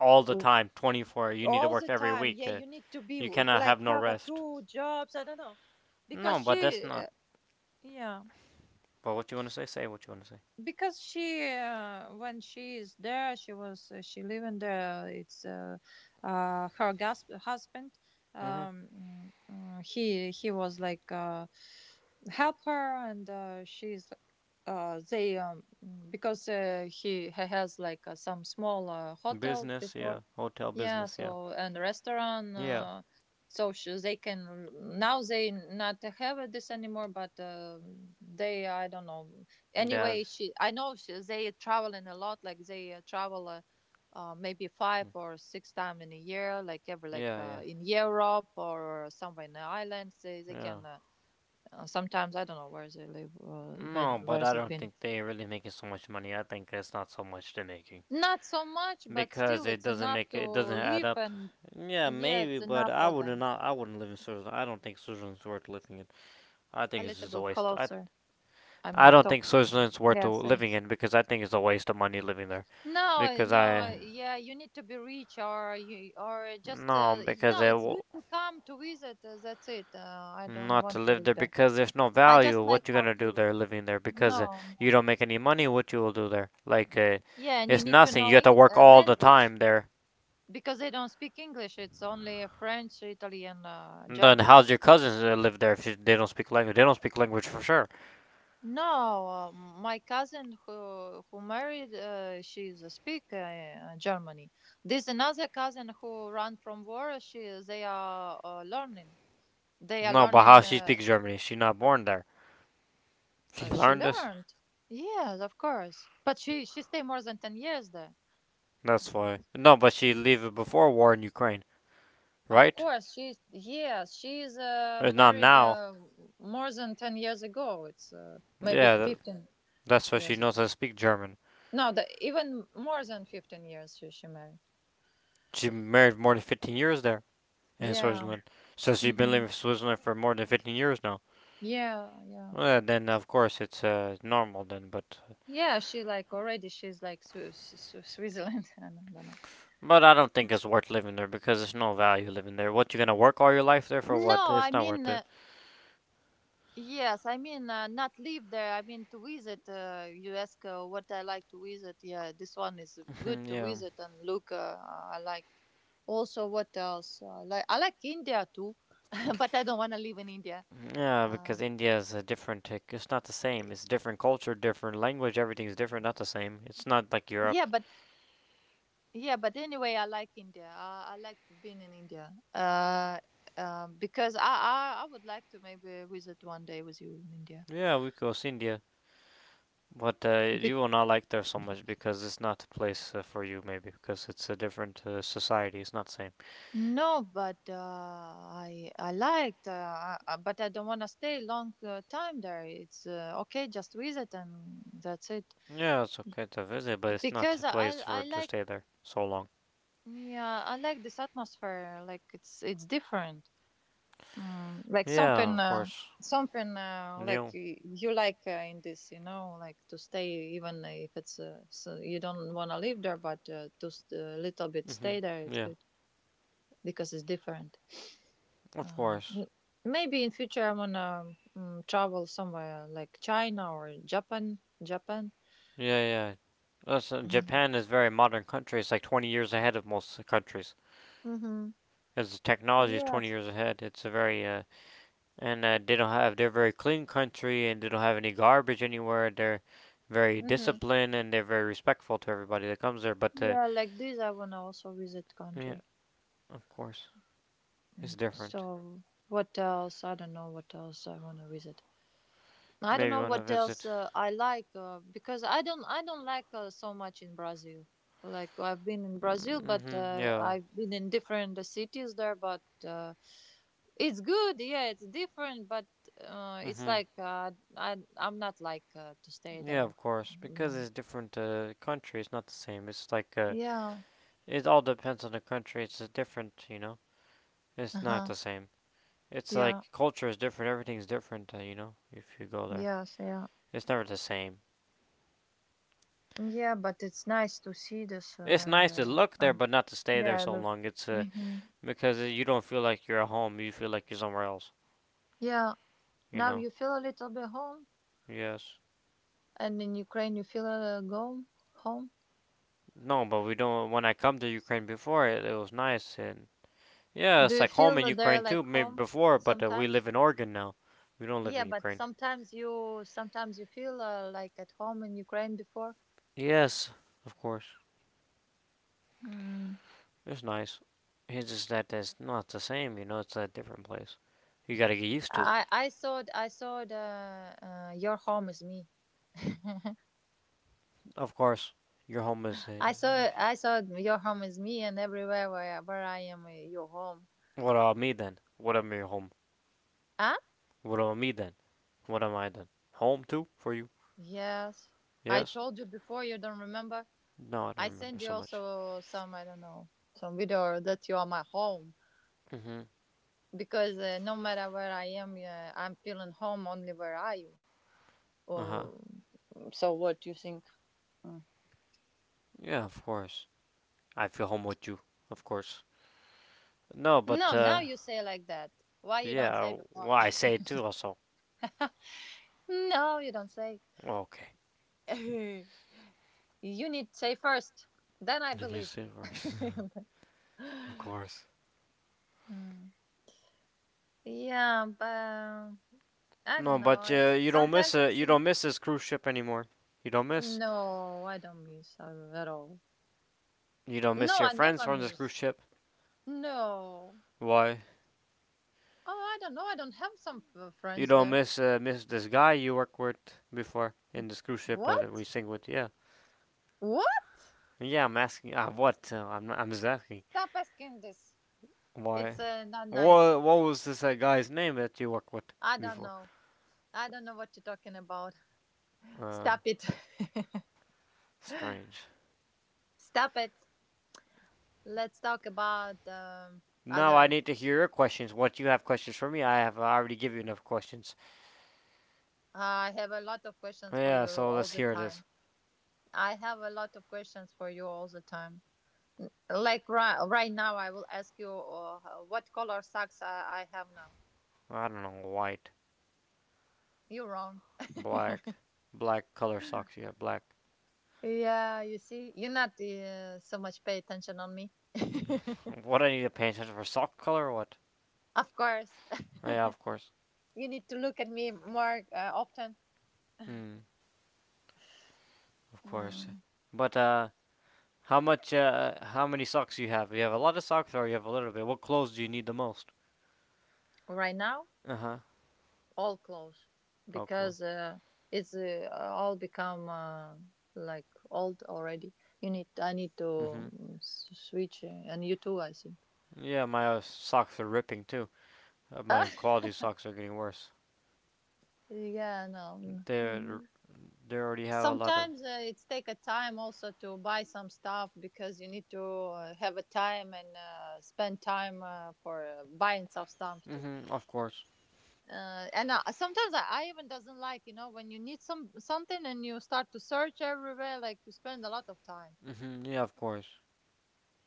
Speaker 1: all the
Speaker 2: w-
Speaker 1: time, twenty four. You need to
Speaker 2: all
Speaker 1: work
Speaker 2: the
Speaker 1: every
Speaker 2: time.
Speaker 1: week.
Speaker 2: Yeah,
Speaker 1: Uh,
Speaker 2: you need to be
Speaker 1: you
Speaker 2: w-
Speaker 1: cannot
Speaker 2: like
Speaker 1: have no
Speaker 2: have a
Speaker 1: rest.
Speaker 2: two jobs. I don't know
Speaker 1: No,
Speaker 2: because
Speaker 1: but that's
Speaker 2: she,
Speaker 1: not.
Speaker 2: uh, yeah.
Speaker 1: But what you want to say, say what you want to say.
Speaker 2: Because she, uh, when she is there she was, uh, she living there it's, uh, uh, her, gas- husband,
Speaker 1: Mm-hmm.
Speaker 2: um, mm, mm, he he was like, uh, help her and, uh, she's like, uh, they, um, because, uh, he, he has like, uh, some small, uh, hotel
Speaker 1: Business,
Speaker 2: before.
Speaker 1: yeah. Hotel
Speaker 2: Yeah,
Speaker 1: business, yeah.
Speaker 2: so, and restaurant,
Speaker 1: Yeah,
Speaker 2: uh, so, she, they can, now they not have this anymore, but, uh, they, I don't know. Anyway,
Speaker 1: that's
Speaker 2: she I know she, they are traveling a lot, like they, uh, travel, uh, uh, maybe five
Speaker 1: yeah,
Speaker 2: or six times in a year, like every, like,
Speaker 1: yeah,
Speaker 2: uh, in Europe or somewhere in the island they, they
Speaker 1: yeah.
Speaker 2: can, uh, uh, sometimes I don't know where they live, uh, when,
Speaker 1: No, but
Speaker 2: where
Speaker 1: I
Speaker 2: they've
Speaker 1: don't
Speaker 2: been.
Speaker 1: think they're really making so much money. I think it's not so much they're making
Speaker 2: Not so much, but
Speaker 1: because
Speaker 2: still
Speaker 1: it
Speaker 2: it's
Speaker 1: doesn't
Speaker 2: enough
Speaker 1: make
Speaker 2: to
Speaker 1: it doesn't add
Speaker 2: live
Speaker 1: up.
Speaker 2: and,
Speaker 1: Yeah,
Speaker 2: yeah,
Speaker 1: maybe,
Speaker 2: it's
Speaker 1: but
Speaker 2: enough
Speaker 1: I
Speaker 2: for
Speaker 1: would
Speaker 2: them.
Speaker 1: not. I wouldn't live in Switzerland. I don't think Switzerland's worth living in. I
Speaker 2: A
Speaker 1: think it's
Speaker 2: little
Speaker 1: just a
Speaker 2: bit
Speaker 1: waste. I
Speaker 2: closer, I
Speaker 1: I
Speaker 2: mean,
Speaker 1: don't
Speaker 2: talk.
Speaker 1: think Switzerland's worth
Speaker 2: Yeah,
Speaker 1: living
Speaker 2: thanks.
Speaker 1: in because I think it's a waste of money living there.
Speaker 2: No,
Speaker 1: Because
Speaker 2: no,
Speaker 1: I
Speaker 2: yeah, you need to be rich or you or just,
Speaker 1: No,
Speaker 2: uh, y-
Speaker 1: because
Speaker 2: no,
Speaker 1: it
Speaker 2: it's
Speaker 1: w-
Speaker 2: good to come to visit. Uh, that's it. Uh, I don't
Speaker 1: not to
Speaker 2: want to
Speaker 1: live
Speaker 2: live
Speaker 1: there
Speaker 2: there.
Speaker 1: because there's no
Speaker 2: I
Speaker 1: value.
Speaker 2: just like
Speaker 1: What you
Speaker 2: how
Speaker 1: gonna do
Speaker 2: to.
Speaker 1: there, living there? Because uh,
Speaker 2: No, no.
Speaker 1: you don't make any money. What you will do there? Like, uh,
Speaker 2: Yeah, and you
Speaker 1: it's
Speaker 2: need to
Speaker 1: nothing. You
Speaker 2: know,
Speaker 1: have to
Speaker 2: i-
Speaker 1: work
Speaker 2: uh,
Speaker 1: all the
Speaker 2: language
Speaker 1: time there.
Speaker 2: because they don't speak English. It's only French, Italian, uh,
Speaker 1: And then
Speaker 2: Germany.
Speaker 1: how's your cousins that live there if you, they don't speak language? They don't speak language for sure.
Speaker 2: No, uh, my cousin who who married, uh, she's a speaker, uh, Germany. There's another cousin who ran from war. She they are, uh, learning. They are
Speaker 1: No, but how
Speaker 2: learning.
Speaker 1: she
Speaker 2: Uh,
Speaker 1: speaks Germany? She not born there.
Speaker 2: uh,
Speaker 1: She
Speaker 2: she
Speaker 1: learned this.
Speaker 2: learned. Yes, of course. But she she stayed more than ten years there.
Speaker 1: That's
Speaker 2: Uh,
Speaker 1: why. No, but she lived before war in Ukraine,
Speaker 2: of
Speaker 1: right?
Speaker 2: course, she's, yes, she's, uh,
Speaker 1: Uh, Not
Speaker 2: married,
Speaker 1: now.
Speaker 2: uh, more than ten years ago. It's, uh, maybe
Speaker 1: Yeah,
Speaker 2: fifteen
Speaker 1: that's why she
Speaker 2: years
Speaker 1: knows
Speaker 2: ago.
Speaker 1: how to speak German.
Speaker 2: No, the, even more than fifteen years she she married.
Speaker 1: She married more than fifteen years there. in
Speaker 2: Yeah.
Speaker 1: Switzerland. Says you've been
Speaker 2: Mm-hmm.
Speaker 1: living in Switzerland for more than fifteen years now.
Speaker 2: Yeah. Yeah.
Speaker 1: Well, then of course it's uh, normal then, but
Speaker 2: Yeah. She like already. She's like Swi- Swi- Switzerland. I don't know.
Speaker 1: but I don't think it's worth living there because there's no value living there. What you gonna work all your life there for? What?
Speaker 2: No,
Speaker 1: It's
Speaker 2: I
Speaker 1: not worth
Speaker 2: mean,
Speaker 1: it.
Speaker 2: uh, yes, I mean, uh, not live there. I mean to visit. Uh, you ask, uh, what I like to visit. Yeah, this one is good to
Speaker 1: Yeah,
Speaker 2: visit and look. Uh, I like. Also, what else? Uh, like I like India too, but I don't want to live in India.
Speaker 1: yeah, because
Speaker 2: Um,
Speaker 1: India is a different. tic- It's not the same. It's different culture, different language. Everything's different. Not the same. It's not like Europe.
Speaker 2: yeah, but yeah, but anyway, I like India. I, I like being in India. Uh, um, because I, I I would like to maybe visit one day with you in India.
Speaker 1: Yeah, we go to India, but uh, you
Speaker 2: Bec-
Speaker 1: will not like there so much because it's not the place uh, for you. Maybe because it's a different uh, society. It's not the same.
Speaker 2: No, but uh, I I liked, uh, uh, uh, but I don't want to stay long uh, time there. It's uh, okay, just visit and that's it.
Speaker 1: Yeah, it's okay to visit, but it's not
Speaker 2: Because
Speaker 1: a
Speaker 2: I
Speaker 1: place
Speaker 2: I
Speaker 1: for
Speaker 2: I
Speaker 1: it to
Speaker 2: like
Speaker 1: stay there so long.
Speaker 2: Yeah, I like this atmosphere. Like it's it's different. Mm, like
Speaker 1: Yeah,
Speaker 2: something
Speaker 1: of
Speaker 2: uh,
Speaker 1: course.
Speaker 2: something uh, like
Speaker 1: New.
Speaker 2: y- you like uh, in this, you know, like to stay even if it's uh, so you don't want to live there, but uh, to st- a little bit
Speaker 1: Mhm.
Speaker 2: stay there. It's
Speaker 1: Yeah,
Speaker 2: good because it's different.
Speaker 1: of
Speaker 2: Um,
Speaker 1: course.
Speaker 2: m- Maybe in future I wanna mm travel somewhere like China or Japan. Japan.
Speaker 1: Yeah, yeah. That's, uh,
Speaker 2: Mm.
Speaker 1: Japan is a very modern country. It's like twenty years ahead of most countries.
Speaker 2: Mhm.
Speaker 1: Its technology is twenty
Speaker 2: Yes.
Speaker 1: years ahead. It's a very uh, and uh, they don't have they're a very clean country and they don't have any garbage anywhere. They're very
Speaker 2: Mhm.
Speaker 1: disciplined and they're very respectful to everybody that comes there. But uh,
Speaker 2: Yeah, like this. I wanna also visit
Speaker 1: Yeah,
Speaker 2: country.
Speaker 1: of course, it's
Speaker 2: Mm.
Speaker 1: different.
Speaker 2: So what else? I don't know what else I wanna visit. I don't
Speaker 1: Maybe you
Speaker 2: know
Speaker 1: want to
Speaker 2: what else
Speaker 1: visit.
Speaker 2: uh, I like uh, because I don't I don't like uh, so much in Brazil. Like I've been in Brazil, but
Speaker 1: Mm-hmm.
Speaker 2: uh,
Speaker 1: Yeah.
Speaker 2: I've been in different uh, cities there. But uh, it's good, yeah, it's different, but uh, it's
Speaker 1: Mm-hmm.
Speaker 2: like uh, I I'm not like uh, to stay
Speaker 1: Yeah,
Speaker 2: there
Speaker 1: of course, because
Speaker 2: long.
Speaker 1: it's different uh, country. It's not the same. It's like uh,
Speaker 2: Yeah.
Speaker 1: it all depends on the country. It's uh, different, you know.
Speaker 2: Uh
Speaker 1: It's not
Speaker 2: huh.
Speaker 1: the same. It's
Speaker 2: Yeah.
Speaker 1: like culture is different. Everything's different, uh, you know. If you go there,
Speaker 2: Yes. Yeah.
Speaker 1: it's never the same.
Speaker 2: Yeah. But it's nice to see this
Speaker 1: It's
Speaker 2: uh, and
Speaker 1: nice to
Speaker 2: uh,
Speaker 1: look there,
Speaker 2: and
Speaker 1: but not to stay there
Speaker 2: yeah.
Speaker 1: so
Speaker 2: Look.
Speaker 1: long. It's uh,
Speaker 2: Mhm.
Speaker 1: because uh, you don't feel like you're at home. You feel like you're somewhere else.
Speaker 2: Yeah.
Speaker 1: You
Speaker 2: Now
Speaker 1: know.
Speaker 2: you feel a little bit home.
Speaker 1: Yes.
Speaker 2: And in Ukraine, you feel uh, go home.
Speaker 1: No, but we don't. When I come to Ukraine before, it, it was nice, and Yeah,
Speaker 2: Do
Speaker 1: it's
Speaker 2: you
Speaker 1: like home
Speaker 2: feel
Speaker 1: in
Speaker 2: that they're
Speaker 1: Ukraine
Speaker 2: like
Speaker 1: too, maybe
Speaker 2: home
Speaker 1: before, but uh, we
Speaker 2: sometimes?
Speaker 1: live in Oregon now. We don't live
Speaker 2: Yeah,
Speaker 1: in
Speaker 2: but
Speaker 1: Ukraine.
Speaker 2: sometimes you sometimes you feel uh, like at home in Ukraine before.
Speaker 1: Yes, of course.
Speaker 2: Mm.
Speaker 1: It's nice. It's just that it's not the same, you know, it's a different place. You gotta get used to.
Speaker 2: I I saw I saw the uh, your home is me.
Speaker 1: Of course, your home is. Uh,
Speaker 2: I saw I saw your home is me, and everywhere where where I am, uh, your home.
Speaker 1: what about me then? What am your home?
Speaker 2: Huh?
Speaker 1: What about me then? What am I then? Home too for you?
Speaker 2: Yes, I
Speaker 1: Yes?
Speaker 2: told you before. You don't remember?
Speaker 1: No, I don't
Speaker 2: I sent
Speaker 1: remember
Speaker 2: you
Speaker 1: so much.
Speaker 2: also some I don't know some video that you are my home.
Speaker 1: Hmm.
Speaker 2: Because uh, no matter where I am, uh, I'm feeling home only where are you?
Speaker 1: Uh huh.
Speaker 2: Or. So what do you think? Mm.
Speaker 1: Yeah, of course. I feel home with you, of course. No, but,
Speaker 2: No, now
Speaker 1: uh,
Speaker 2: you say like that. Why you don't say
Speaker 1: yeah,
Speaker 2: before?
Speaker 1: well, I say it too also.
Speaker 2: No, you don't say.
Speaker 1: Okay.
Speaker 2: You need to say first. Then I
Speaker 1: You
Speaker 2: believe.
Speaker 1: see it first. Of course.
Speaker 2: Mm. Yeah, but um, I
Speaker 1: No,
Speaker 2: don't know.
Speaker 1: but
Speaker 2: I
Speaker 1: uh,
Speaker 2: s-
Speaker 1: you don't
Speaker 2: sometimes
Speaker 1: miss
Speaker 2: I
Speaker 1: it. You
Speaker 2: think.
Speaker 1: don't miss this cruise ship anymore. You don't miss.
Speaker 2: No, I don't miss uh, at all.
Speaker 1: You don't
Speaker 2: No,
Speaker 1: miss your
Speaker 2: I
Speaker 1: friends
Speaker 2: never
Speaker 1: from this cruise
Speaker 2: miss.
Speaker 1: ship.
Speaker 2: No.
Speaker 1: Why?
Speaker 2: Oh, I don't know. I don't have some f-
Speaker 1: You
Speaker 2: friends
Speaker 1: don't
Speaker 2: there.
Speaker 1: miss uh, miss this guy you worked with before in this cruise ship that we
Speaker 2: What?
Speaker 1: sing with. Yeah.
Speaker 2: What?
Speaker 1: Yeah, I'm asking. Uh, what? Uh, I'm not, I'm just asking.
Speaker 2: Stop asking this.
Speaker 1: Why?
Speaker 2: It's uh, not nice.
Speaker 1: What What was this uh, guy's name that you worked with
Speaker 2: I don't
Speaker 1: before?
Speaker 2: know. I don't know what you're talking about.
Speaker 1: Uh,
Speaker 2: Stop it.
Speaker 1: Strange.
Speaker 2: Stop it. Let's talk about um,
Speaker 1: Now I
Speaker 2: other.
Speaker 1: need to hear your questions. What you have questions for me? I have already given you enough questions.
Speaker 2: I have a lot of questions for
Speaker 1: Yeah,
Speaker 2: you
Speaker 1: so
Speaker 2: all
Speaker 1: let's
Speaker 2: the
Speaker 1: hear this.
Speaker 2: time. I have a lot of questions for you all the time. N- Like right, right now, I will ask you uh, what color socks I, I have now.
Speaker 1: I don't know, white,
Speaker 2: You're wrong.
Speaker 1: black, black color socks. Yeah, black.
Speaker 2: Yeah, you see, you're not uh, so much pay attention on me.
Speaker 1: What I need to pay attention for sock color? Or what?
Speaker 2: Of course,
Speaker 1: Yeah, of course.
Speaker 2: you need to look at me more uh, often.
Speaker 1: Hmm, of course.
Speaker 2: Mm.
Speaker 1: But uh, how much? Uh, how many socks do you have? You have a lot of socks, or you have a little bit. What clothes do you need the most?
Speaker 2: Right now,
Speaker 1: Uh huh.
Speaker 2: all close
Speaker 1: Oh, cool.
Speaker 2: because uh, it's uh, all become uh, like old already. You need, I need to
Speaker 1: Mhm.
Speaker 2: mm, s- switch, uh, and you too, I think.
Speaker 1: Yeah, my uh, socks are ripping too. Uh, my quality socks are getting worse.
Speaker 2: Yeah, no.
Speaker 1: They
Speaker 2: Mm.
Speaker 1: they already have a lot of.
Speaker 2: Sometimes uh, it's take a time also to buy some stuff because you need to uh, have a time and uh, spend time uh, for uh, buying some stuff too.
Speaker 1: Mhm. Of course.
Speaker 2: uh, and uh, sometimes I, I even doesn't like you know when you need some something and you start to search everywhere like you spend a lot of time.
Speaker 1: Mhm. Yeah, of course.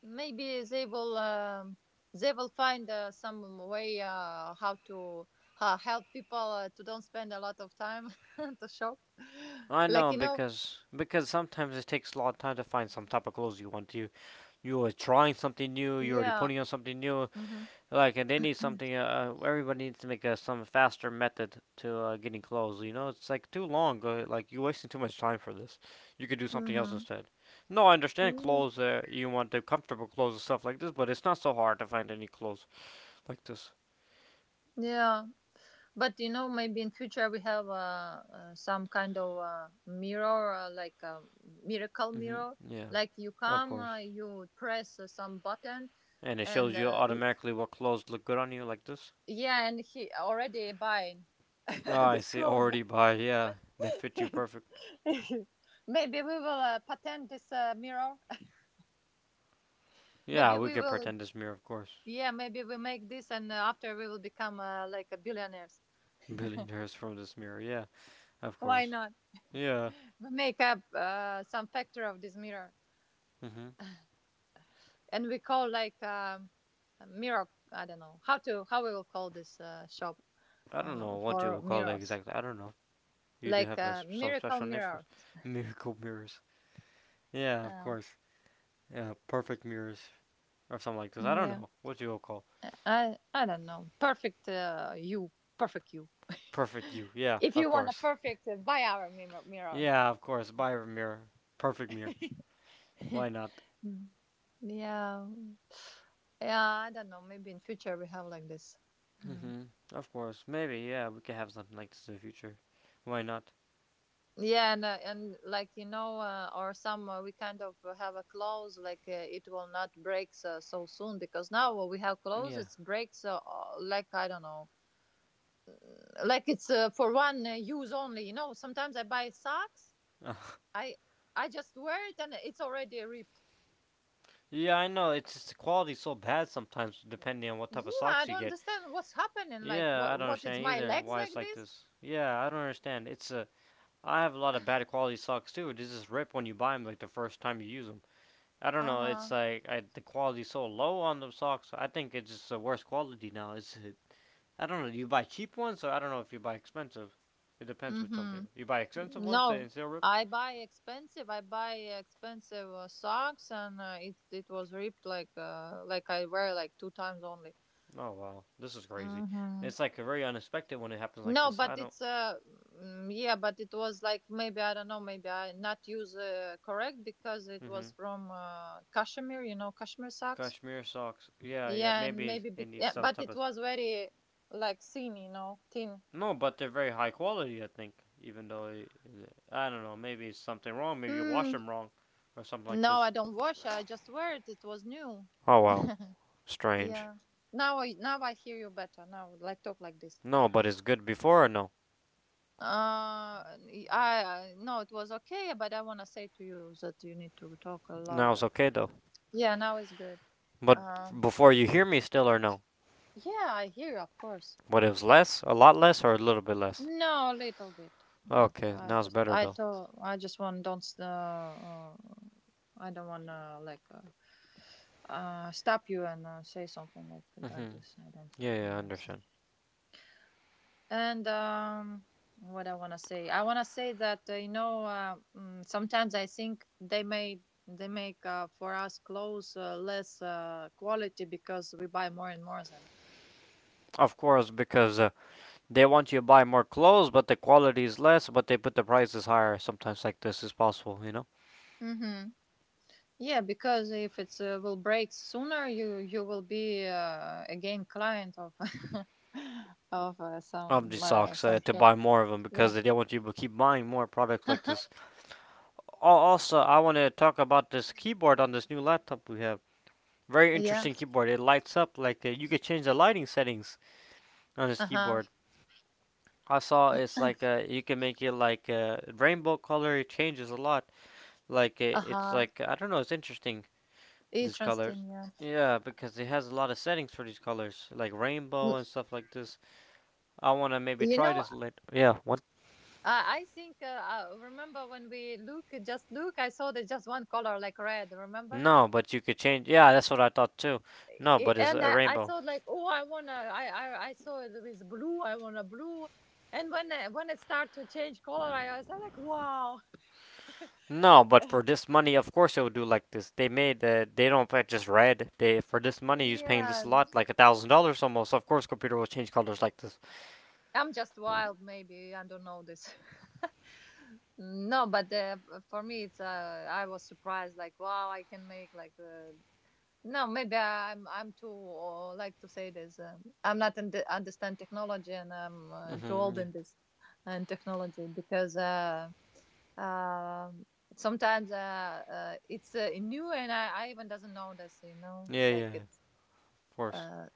Speaker 2: Maybe they will um, they will find uh, some way uh, how to uh, help people uh, to don't spend a lot of time to shop
Speaker 1: I
Speaker 2: like
Speaker 1: know
Speaker 2: you know
Speaker 1: because because sometimes it takes a lot of time to find some type of clothes you want to. You are trying something new. You're already
Speaker 2: yeah,
Speaker 1: putting on something new.
Speaker 2: mm-hmm.
Speaker 1: Like and they need something. Uh, uh, everybody needs to make a, some faster method to uh, getting clothes. You know, it's like too long. Uh, like you're wasting too much time for this. You could do something else
Speaker 2: Mm-hmm.
Speaker 1: instead. No, I understand
Speaker 2: Yeah.
Speaker 1: clothes. Uh, you want the comfortable clothes and stuff like this, but it's not so hard to find any clothes like this.
Speaker 2: Yeah. But you know, maybe in future we have uh, uh, some kind of uh, mirror, uh, like a miracle
Speaker 1: Mhm.
Speaker 2: mirror.
Speaker 1: Yeah,
Speaker 2: Like you
Speaker 1: of
Speaker 2: come,
Speaker 1: course.
Speaker 2: uh, you press uh, some button,
Speaker 1: And it
Speaker 2: and
Speaker 1: shows you
Speaker 2: uh, it-
Speaker 1: automatically what clothes look good on you like this.
Speaker 2: yeah, and he already buying
Speaker 1: Oh, I
Speaker 2: this
Speaker 1: see.
Speaker 2: clothes.
Speaker 1: Already by, yeah. They fit you perfect.
Speaker 2: Maybe we will uh, patent this uh, mirror. Maybe
Speaker 1: Yeah, we
Speaker 2: we
Speaker 1: could
Speaker 2: will,
Speaker 1: pretend this mirror, of course.
Speaker 2: yeah, maybe we make this, and uh, after we will become uh, like a billionaires.
Speaker 1: Billionaires from this mirror, yeah, of
Speaker 2: Why
Speaker 1: course.
Speaker 2: not?
Speaker 1: Yeah.
Speaker 2: We make up uh, some factor of this mirror.
Speaker 1: Mhm.
Speaker 2: And we call like um, a mirror. I don't know how to how we will call this uh, shop
Speaker 1: I don't know
Speaker 2: um,
Speaker 1: what you
Speaker 2: for
Speaker 1: would call it
Speaker 2: mirrors,
Speaker 1: exactly. I don't know. You do
Speaker 2: like
Speaker 1: have a
Speaker 2: uh,
Speaker 1: some
Speaker 2: miracle
Speaker 1: special name for it.
Speaker 2: mirror.
Speaker 1: Miracle mirrors. Yeah, of
Speaker 2: Uh,
Speaker 1: course. Yeah, perfect mirrors or something like this. I don't
Speaker 2: yeah,
Speaker 1: know what you will call
Speaker 2: I I don't know. Perfect uh, you, perfect you.
Speaker 1: perfect you. Yeah,
Speaker 2: If
Speaker 1: of
Speaker 2: you want a
Speaker 1: course.
Speaker 2: perfect, uh, buy our mirror. Mirror.
Speaker 1: Yeah, of course. Buy a mirror. Perfect mirror. Why not?
Speaker 2: Mm. Yeah, yeah. I don't know. Maybe in future we have like this. Uh,
Speaker 1: Mhm. Of course. Maybe. Yeah, we could have something like this in the future. Why not?
Speaker 2: Yeah, and uh, and like you know, uh, or some uh, we kind of uh, have a close like uh, it will not break so, so soon because now what we have clothes
Speaker 1: Yeah.
Speaker 2: it breaks uh, uh, like I don't know, mm, like it's uh, for one uh, use only. You know, sometimes I buy socks,
Speaker 1: Uh,
Speaker 2: I I just wear it and it's already ripped.
Speaker 1: Yeah, I know. It's just the quality's so bad sometimes, depending on what type
Speaker 2: Yeah,
Speaker 1: of
Speaker 2: I
Speaker 1: socks you
Speaker 2: don't
Speaker 1: get.
Speaker 2: understand what's happening. Like
Speaker 1: Yeah, I
Speaker 2: what
Speaker 1: don't
Speaker 2: what is
Speaker 1: understand
Speaker 2: my
Speaker 1: either
Speaker 2: legs
Speaker 1: why it's
Speaker 2: like
Speaker 1: like
Speaker 2: this?
Speaker 1: this. Yeah, I don't understand. It's a. I have a lot of bad quality socks too. It just rip when you buy them, like the first time you use them. I don't
Speaker 2: Uh
Speaker 1: know.
Speaker 2: huh.
Speaker 1: It's like I, the quality's so low on the socks. I think it's just the worst quality now. It's. I don't know. Do you buy cheap ones, or I don't know if you buy expensive. It depends
Speaker 2: Mm
Speaker 1: with some
Speaker 2: hmm.
Speaker 1: people. You buy expensive ones
Speaker 2: No,
Speaker 1: and still rip.
Speaker 2: I buy expensive. I buy expensive uh, socks, and uh, it it was ripped like uh like I wear like two times only.
Speaker 1: Oh wow, this is crazy.
Speaker 2: Mm-hmm.
Speaker 1: It's like very unexpected when it happens like
Speaker 2: No,
Speaker 1: this.
Speaker 2: but
Speaker 1: I don't.
Speaker 2: it's uh mm, yeah, but it was like maybe I don't know, maybe I not use uh, correct because it was
Speaker 1: Hmm.
Speaker 2: from uh, cashmere, you know, cashmere socks.
Speaker 1: Kashmir socks. Yeah, yeah.
Speaker 2: Yeah, and
Speaker 1: Maybe
Speaker 2: maybe
Speaker 1: it
Speaker 2: be-
Speaker 1: needs
Speaker 2: yeah,
Speaker 1: some
Speaker 2: but
Speaker 1: type
Speaker 2: it
Speaker 1: of.
Speaker 2: was very like thin, you know, thin.
Speaker 1: No, but they're very high quality. I think, even though it- I don't know. Maybe it's something wrong. Maybe you wash
Speaker 2: Mm.
Speaker 1: them wrong, or something like
Speaker 2: No, I
Speaker 1: this.
Speaker 2: don't wash. I just wear it. It was new.
Speaker 1: Oh wow, strange.
Speaker 2: Yeah. Now I now I hear you better. Now like talk like this.
Speaker 1: No, but it's good before or no?
Speaker 2: Uh, I, I No, it was okay, but I wanna say to you that you need to talk uh,
Speaker 1: Now it's
Speaker 2: louder.
Speaker 1: okay though.
Speaker 2: Yeah, now it's good.
Speaker 1: But
Speaker 2: Um,
Speaker 1: before you hear me still or no?
Speaker 2: yeah, I hear you, of course.
Speaker 1: What it was less, a lot less, or a little bit less?
Speaker 2: No, a little bit. Not.
Speaker 1: Okay,
Speaker 2: I
Speaker 1: now it's
Speaker 2: just
Speaker 1: better
Speaker 2: I
Speaker 1: though.
Speaker 2: thought I just want don't uh, uh, I don't wanna like uh, uh stop you and uh, say something like like
Speaker 1: Hmm.
Speaker 2: this. I don't.
Speaker 1: Yeah,
Speaker 2: I
Speaker 1: yeah, I
Speaker 2: don't.
Speaker 1: understand.
Speaker 2: And um, what I want to say, I want to say that uh, you know uh, mm, sometimes I think they may they make uh, for us clothes uh, less uh, quality because we buy more and more then.
Speaker 1: Of course, because uh, they want you to buy more clothes, but the quality is less, but they put the prices higher. Sometimes like this is possible, you know.
Speaker 2: Mm-hmm. Yeah, because if it uh, will break sooner, you you will be uh, again client of of uh,
Speaker 1: Of the
Speaker 2: some uh,
Speaker 1: socks uh,
Speaker 2: some
Speaker 1: to
Speaker 2: shop.
Speaker 1: buy more of them
Speaker 2: Yeah.
Speaker 1: because they don't want you to keep buying more products like this. Also, I want to talk about this keyboard on this new laptop we have. Very
Speaker 2: Yeah.
Speaker 1: interesting keyboard. It lights up like uh, you could change the lighting settings on
Speaker 2: Uh
Speaker 1: this
Speaker 2: huh.
Speaker 1: keyboard. I saw it's like uh, you can make it like a uh, rainbow color. It changes a lot. Like uh,
Speaker 2: Uh
Speaker 1: it's
Speaker 2: huh.
Speaker 1: like I don't know. It's interesting these colors.
Speaker 2: Interesting. Yeah.
Speaker 1: Yeah, because it has a lot of settings for these colors, like
Speaker 2: Mm.
Speaker 1: rainbow and stuff like this. I wanna maybe
Speaker 2: You
Speaker 1: try
Speaker 2: know,
Speaker 1: this later. Yeah, what?
Speaker 2: Uh, I think uh, uh, remember when we look just look, I saw there's just one color like red. Remember,
Speaker 1: No, but you could change. Yeah, that's what I thought too. No,
Speaker 2: it,
Speaker 1: but it's
Speaker 2: and
Speaker 1: a
Speaker 2: I, I
Speaker 1: rainbow.
Speaker 2: thought like, oh, I wanna, I, I I saw it with blue. I want a blue, and when I- when it start to change color, I was like, wow,
Speaker 1: No, but for this money, of course it would do like this. They made the they don't pay just red. They for this money, you're paying this
Speaker 2: yeah.
Speaker 1: a lot, like a thousand dollars almost. Of course, computer will change colors like this.
Speaker 2: I'm just wild, maybe I don't know this. No, but uh, for me, it's uh, I was surprised like, wow, I can make like uh, No, maybe I'm I'm too uh, like to say this. Um, I'm not under understand technology, and I'm uh, too
Speaker 1: Mhm.
Speaker 2: old in
Speaker 1: Yeah.
Speaker 2: this and technology because uh, um sometimes uh, uh, it's uh, new, and I, I even doesn't know this. You know,
Speaker 1: Yeah. Yeah. Yeah,
Speaker 2: like it's
Speaker 1: of course.
Speaker 2: uh,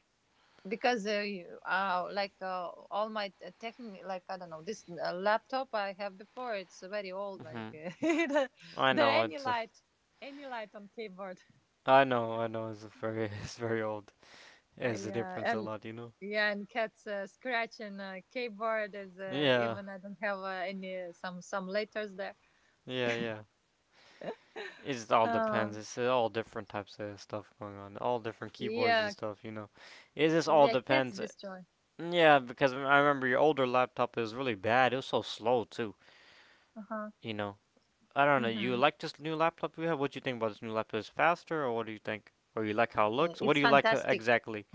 Speaker 2: because uh, you, uh, like uh, all my uh, tech, like I don't know, this uh, laptop I have before it's very old. Like
Speaker 1: Mhm.
Speaker 2: there
Speaker 1: I
Speaker 2: there
Speaker 1: know
Speaker 2: any
Speaker 1: it's. A,
Speaker 2: light, any light on keyboard.
Speaker 1: I know. I know it's a very. It's very old.
Speaker 2: Uh,
Speaker 1: It's a
Speaker 2: yeah,
Speaker 1: difference a
Speaker 2: and
Speaker 1: lot, you know.
Speaker 2: yeah, and cats uh, scratching uh, keyboard is uh,
Speaker 1: Yeah.
Speaker 2: even I don't have uh, any some some letters there.
Speaker 1: Yeah. Yeah. It just all depends.
Speaker 2: Uh,
Speaker 1: It's all different types of stuff going on. All different keyboards and
Speaker 2: yeah,
Speaker 1: stuff, you know. It just all
Speaker 2: yeah, cats
Speaker 1: depends.
Speaker 2: destroy.
Speaker 1: Yeah, because I remember your older laptop it was really bad. It was so slow too.
Speaker 2: Uh-huh.
Speaker 1: You know, I don't know. You
Speaker 2: Mm-hmm.
Speaker 1: like this new laptop you have? What do you think about this new laptop? Is it faster, or what do you think? Or you like how it
Speaker 2: Uh,
Speaker 1: looks? What
Speaker 2: it's
Speaker 1: do you like uh,
Speaker 2: fantastic.
Speaker 1: exactly?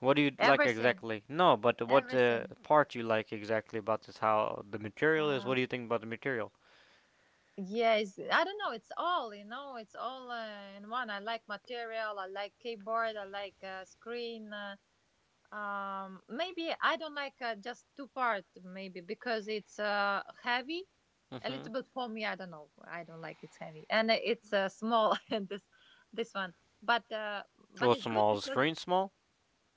Speaker 1: What do you like
Speaker 2: Everything,
Speaker 1: exactly? No, but what uh,
Speaker 2: everything.
Speaker 1: part you like exactly about this? How the material is? What
Speaker 2: Uh,
Speaker 1: do you think about the material?
Speaker 2: yeah, it's, I don't know. It's all you know. It's all uh, in one. I like material. I like keyboard. I like uh, screen. Uh, um maybe I don't like uh, just two part maybe because it's uh heavy a
Speaker 1: Mm-hmm.
Speaker 2: little bit for me, I don't know, I don't like it's heavy and uh, it's uh, small and this this one but uh but
Speaker 1: Well,
Speaker 2: it's good
Speaker 1: small is the
Speaker 2: because
Speaker 1: screen small,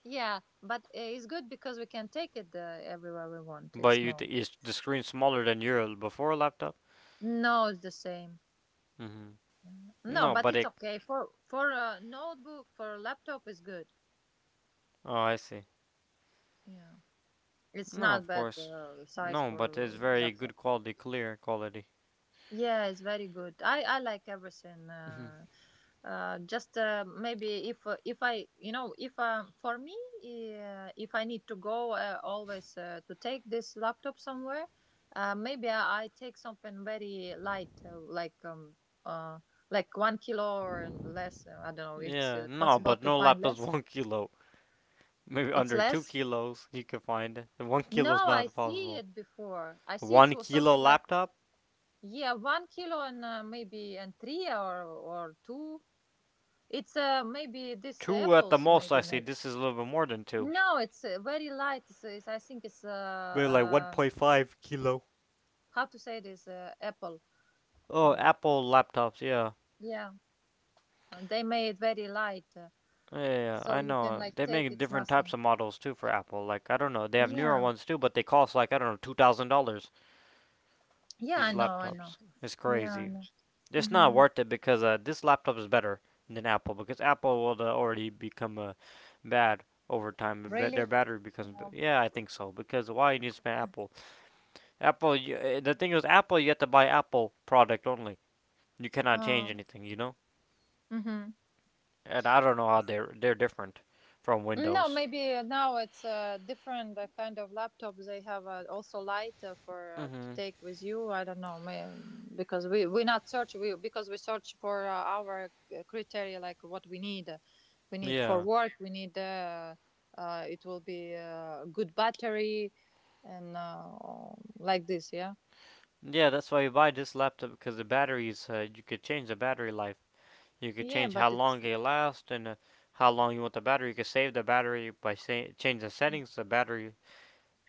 Speaker 2: yeah, but uh, it's good because we can take it uh, everywhere we want it's
Speaker 1: but you
Speaker 2: small.
Speaker 1: th- is the screen smaller than your before laptop?
Speaker 2: No, it's the same.
Speaker 1: Mm-hmm.
Speaker 2: Mm, no,
Speaker 1: No,
Speaker 2: but
Speaker 1: but
Speaker 2: it's
Speaker 1: it.
Speaker 2: okay for for a notebook for a laptop is good.
Speaker 1: Oh, I see.
Speaker 2: Yeah, it's
Speaker 1: No,
Speaker 2: not
Speaker 1: of
Speaker 2: bad
Speaker 1: course.
Speaker 2: uh, size
Speaker 1: No, but
Speaker 2: for
Speaker 1: it's very
Speaker 2: laptop.
Speaker 1: good quality, clear quality.
Speaker 2: Yeah, it's very good. I I like everything.
Speaker 1: Mhm.
Speaker 2: Uh, uh, just uh, maybe if uh, if I you know if um, for me uh, if I need to go uh, always uh, to take this laptop somewhere, uh, maybe I, I take something very light uh, like um uh like one kilo or less. Uh, I don't know. It's
Speaker 1: Yeah,
Speaker 2: uh,
Speaker 1: no,
Speaker 2: possible
Speaker 1: but
Speaker 2: to
Speaker 1: no
Speaker 2: find
Speaker 1: laptops
Speaker 2: less.
Speaker 1: one kilo. Maybe
Speaker 2: It's
Speaker 1: under two
Speaker 2: less.
Speaker 1: kilos you can find. It. One kilo is
Speaker 2: No, I
Speaker 1: not
Speaker 2: see
Speaker 1: possible.
Speaker 2: it before. I see it
Speaker 1: One
Speaker 2: was
Speaker 1: kilo
Speaker 2: something like
Speaker 1: laptop?
Speaker 2: yeah, one kilo and uh, maybe and three or or two. It's uh maybe this
Speaker 1: Two at the
Speaker 2: apples
Speaker 1: most, I
Speaker 2: maybe
Speaker 1: say.
Speaker 2: maybe.
Speaker 1: This is a little bit more than two.
Speaker 2: No, it's uh, very light. It's, it's I think it's,
Speaker 1: Maybe like
Speaker 2: uh um
Speaker 1: one point five kilo.
Speaker 2: how to say this, uh, apple.
Speaker 1: Oh,
Speaker 2: Mm.
Speaker 1: Apple laptops, yeah.
Speaker 2: Yeah, uh, they made very light, uh,
Speaker 1: Yeah, yeah, yeah, I
Speaker 2: so you can
Speaker 1: know.
Speaker 2: like
Speaker 1: They
Speaker 2: take
Speaker 1: make
Speaker 2: it's
Speaker 1: different types
Speaker 2: nothing.
Speaker 1: of models too for Apple. Like, I don't know. They have newer
Speaker 2: Yeah,
Speaker 1: ones too, but they cost like, I don't know, two thousand dollars.
Speaker 2: yeah,
Speaker 1: These
Speaker 2: I know, I know.
Speaker 1: laptops. It's
Speaker 2: Yeah, I
Speaker 1: crazy.
Speaker 2: know.
Speaker 1: It's not
Speaker 2: Mm-hmm.
Speaker 1: worth it because uh, this laptop is better than Apple because Apple will uh, already become uh, bad over time. But their
Speaker 2: Really?
Speaker 1: battery becomes,
Speaker 2: Yeah.
Speaker 1: yeah, I think so because why you need to spend Apple? Apple. You, uh, the thing is, Apple you have to buy Apple product only. You cannot change
Speaker 2: Oh.
Speaker 1: anything, you know.
Speaker 2: Mm-hmm.
Speaker 1: And I don't know how they're they're different from
Speaker 2: No,
Speaker 1: Windows.
Speaker 2: maybe now it's a different, uh, kind of laptop. They have, uh, also light, uh, for, uh, to
Speaker 1: Mhm.
Speaker 2: take with you. I don't know, may, mm, because we we not search we because we search for, uh, our, uh, criteria like what we need. We need for
Speaker 1: Yeah.
Speaker 2: work. We need, uh, uh, it will be, uh, good battery and, uh, like this. Yeah,
Speaker 1: Yeah, that's why you buy this laptop because the batteries uh, you could change the battery life. You could
Speaker 2: yeah,
Speaker 1: change how
Speaker 2: but
Speaker 1: long
Speaker 2: it's.
Speaker 1: it lasts and uh, how long you want the battery. You could save the battery by say change the settings the battery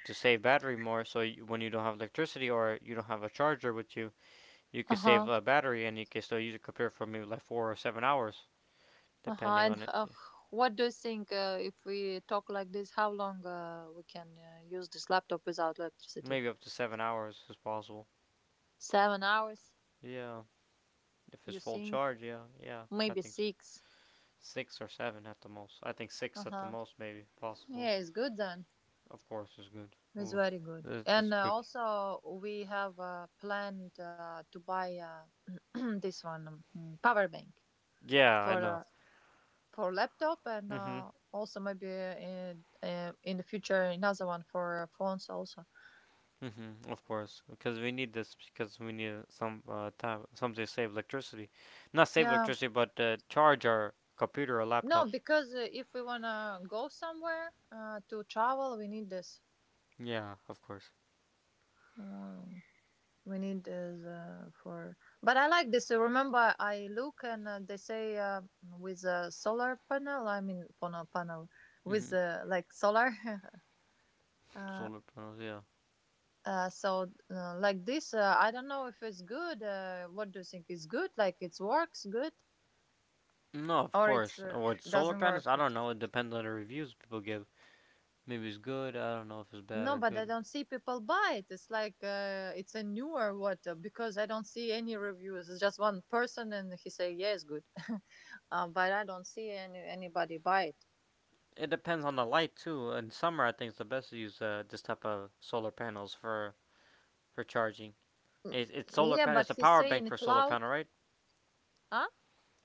Speaker 1: to save battery more. So you, when you don't have electricity or you don't have a charger with you, you could save
Speaker 2: Uh-huh.
Speaker 1: a battery and you can still use your computer for maybe like four or seven hours,
Speaker 2: Uh-huh.
Speaker 1: depending
Speaker 2: And,
Speaker 1: on it.
Speaker 2: uh, what do you think, uh, if we talk like this, how long, uh, we can, uh, use this laptop without electricity?
Speaker 1: Maybe up to seven hours is possible.
Speaker 2: Seven hours,
Speaker 1: Yeah, if it's
Speaker 2: you
Speaker 1: full
Speaker 2: think?
Speaker 1: charge, yeah, yeah, I
Speaker 2: Maybe
Speaker 1: think so.
Speaker 2: six.
Speaker 1: Six or seven at the most. I think six at the
Speaker 2: Uh-huh.
Speaker 1: most, maybe possible.
Speaker 2: Yeah, it's good then.
Speaker 1: Of course, is good.
Speaker 2: It's
Speaker 1: Ooh,
Speaker 2: very good.
Speaker 1: it's
Speaker 2: And, uh,
Speaker 1: good.
Speaker 2: also, we have, uh, planned, uh, to buy, uh, this one, um, mm, power bank
Speaker 1: Yeah, I
Speaker 2: for,
Speaker 1: know.
Speaker 2: uh, for laptop and,
Speaker 1: Mhm.
Speaker 2: uh, also maybe, uh, in, uh, in the future another one for, uh, phones also.
Speaker 1: Mm-hmm, of course, because we need this because we need some uh, time, something to save electricity, not save
Speaker 2: Yeah.
Speaker 1: electricity, but uh, charge our computer or
Speaker 2: No,
Speaker 1: laptop.
Speaker 2: because, uh, if we wanna go somewhere, uh, to travel, we need this.
Speaker 1: Yeah, of course.
Speaker 2: Um, we need this, uh, for. But I like this. Uh, Remember, I look and, uh, they say, uh, with a solar panel. I mean, panel panel with,
Speaker 1: Mm-hmm.
Speaker 2: uh, like solar. uh,
Speaker 1: Solar panels, yeah.
Speaker 2: uh, so, uh, like this, uh, I don't know if it's good. Uh, what do you think? Is good? Like it works good,
Speaker 1: No, of
Speaker 2: or it's,
Speaker 1: course.
Speaker 2: uh,
Speaker 1: Uh, What solar
Speaker 2: doesn't work
Speaker 1: panels? I
Speaker 2: it?
Speaker 1: don't know. It depends on the reviews people give. Maybe it's good. I don't know if it's bad
Speaker 2: No,
Speaker 1: or
Speaker 2: but I
Speaker 1: good.
Speaker 2: don't see people buy it. It's like, uh, it's a newer water because I don't see any reviews. It's just one person and he say, "Yeah, it's good," uh, but I don't see any anybody buy it.
Speaker 1: It depends on the light too. In summer, I think it's the best to use uh, this type of solar panels for for charging. It's, it's
Speaker 2: Mm.
Speaker 1: solar
Speaker 2: Yeah,
Speaker 1: pan. It's
Speaker 2: but
Speaker 1: a
Speaker 2: he
Speaker 1: power
Speaker 2: say
Speaker 1: bank
Speaker 2: in
Speaker 1: for solar
Speaker 2: cloud,
Speaker 1: panel, right?
Speaker 2: huh?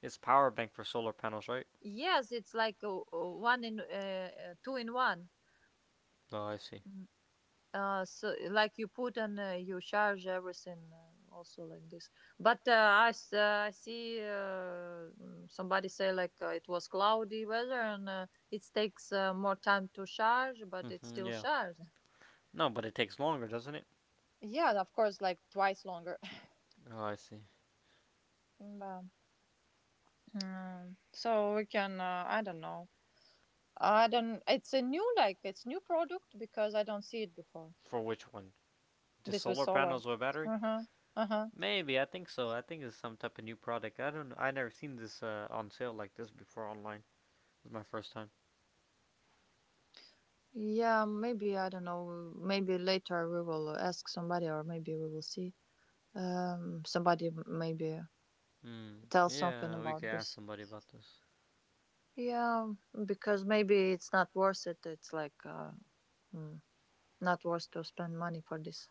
Speaker 1: It's power bank for solar panels, right?
Speaker 2: Yes, it's like, uh, uh, one in, uh, uh, two in one.
Speaker 1: Oh, I see.
Speaker 2: Mm. Uh, so like you put and, uh, you charge everything, uh, also like this. But, uh, I s- uh, I see, uh, mm, somebody say like, uh, it was cloudy weather and, uh, it takes, uh, more time to charge, but it's
Speaker 1: Hmm,
Speaker 2: still
Speaker 1: yeah.
Speaker 2: charged.
Speaker 1: No, but it takes longer, doesn't it?
Speaker 2: Yeah, of course, like twice longer.
Speaker 1: Oh, I see.
Speaker 2: Well, um, so we can, uh, I don't know. I don't. It's a new, like, it's new product because I don't see it before.
Speaker 1: For which one? The
Speaker 2: This was
Speaker 1: solar panels
Speaker 2: solar.
Speaker 1: or battery?
Speaker 2: Uh huh. Uh huh.
Speaker 1: Maybe I think so. I think it's some type of new product. I don't know. I never seen this uh, on sale like this before online. This is my first time.
Speaker 2: Yeah, maybe I don't know. Maybe later we will ask somebody, or maybe we will see, um, somebody. m- Maybe
Speaker 1: Hmm.
Speaker 2: tell something
Speaker 1: Yeah, we could
Speaker 2: about
Speaker 1: ask
Speaker 2: this.
Speaker 1: somebody about this.
Speaker 2: Yeah, because maybe it's not worth it. It's like, uh, mm, not worth to spend money for this.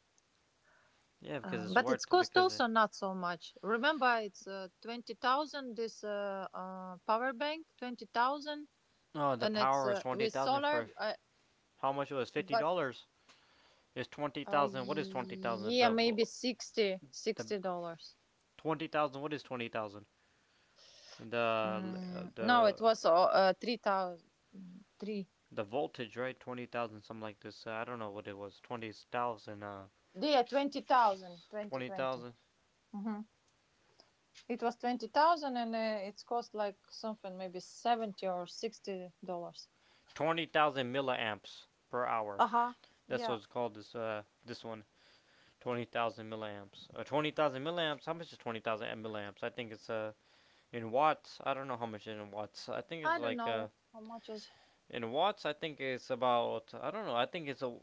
Speaker 1: Yeah, because
Speaker 2: Um,
Speaker 1: it's
Speaker 2: but it's
Speaker 1: worth it.
Speaker 2: cost
Speaker 1: Because it,
Speaker 2: also not so much. Remember, it's, uh, twenty thousand. This, uh, uh, power bank, twenty thousand,
Speaker 1: oh, the
Speaker 2: and it's,
Speaker 1: power is
Speaker 2: uh,
Speaker 1: twenty
Speaker 2: with
Speaker 1: thousand
Speaker 2: solar.
Speaker 1: for
Speaker 2: Uh,
Speaker 1: how much it was fifty
Speaker 2: but,
Speaker 1: dollars. It's twenty
Speaker 2: Uh,
Speaker 1: thousand. What is twenty thousand?
Speaker 2: yeah,
Speaker 1: The
Speaker 2: maybe sixty
Speaker 1: the
Speaker 2: sixty dollars.
Speaker 1: twenty thousand. What is twenty thousand? The uh,
Speaker 2: Mm, no,
Speaker 1: the
Speaker 2: it was, uh, uh three thousand three.
Speaker 1: the voltage, right? twenty thousand, something like this. Uh, I don't know what it was. twenty thousand, uh,
Speaker 2: Yeah, twenty thousand, twenty
Speaker 1: twenty
Speaker 2: twenty.
Speaker 1: thousand,
Speaker 2: Mm-hmm. It was twenty thousand, and, uh, it's cost like something maybe seventy or sixty dollars.
Speaker 1: twenty thousand milliamps per hour.
Speaker 2: Uh huh.
Speaker 1: That's what
Speaker 2: Yeah,
Speaker 1: it's called. This, uh, this one, twenty thousand milliamps. Uh, twenty thousand milliamps. How much is twenty thousand milliamps? I think it's uh in watts. I don't know how much in watts. I think it's
Speaker 2: I don't
Speaker 1: like uh
Speaker 2: know how much is.
Speaker 1: in watts. I think it's about. I don't know. I think it's a.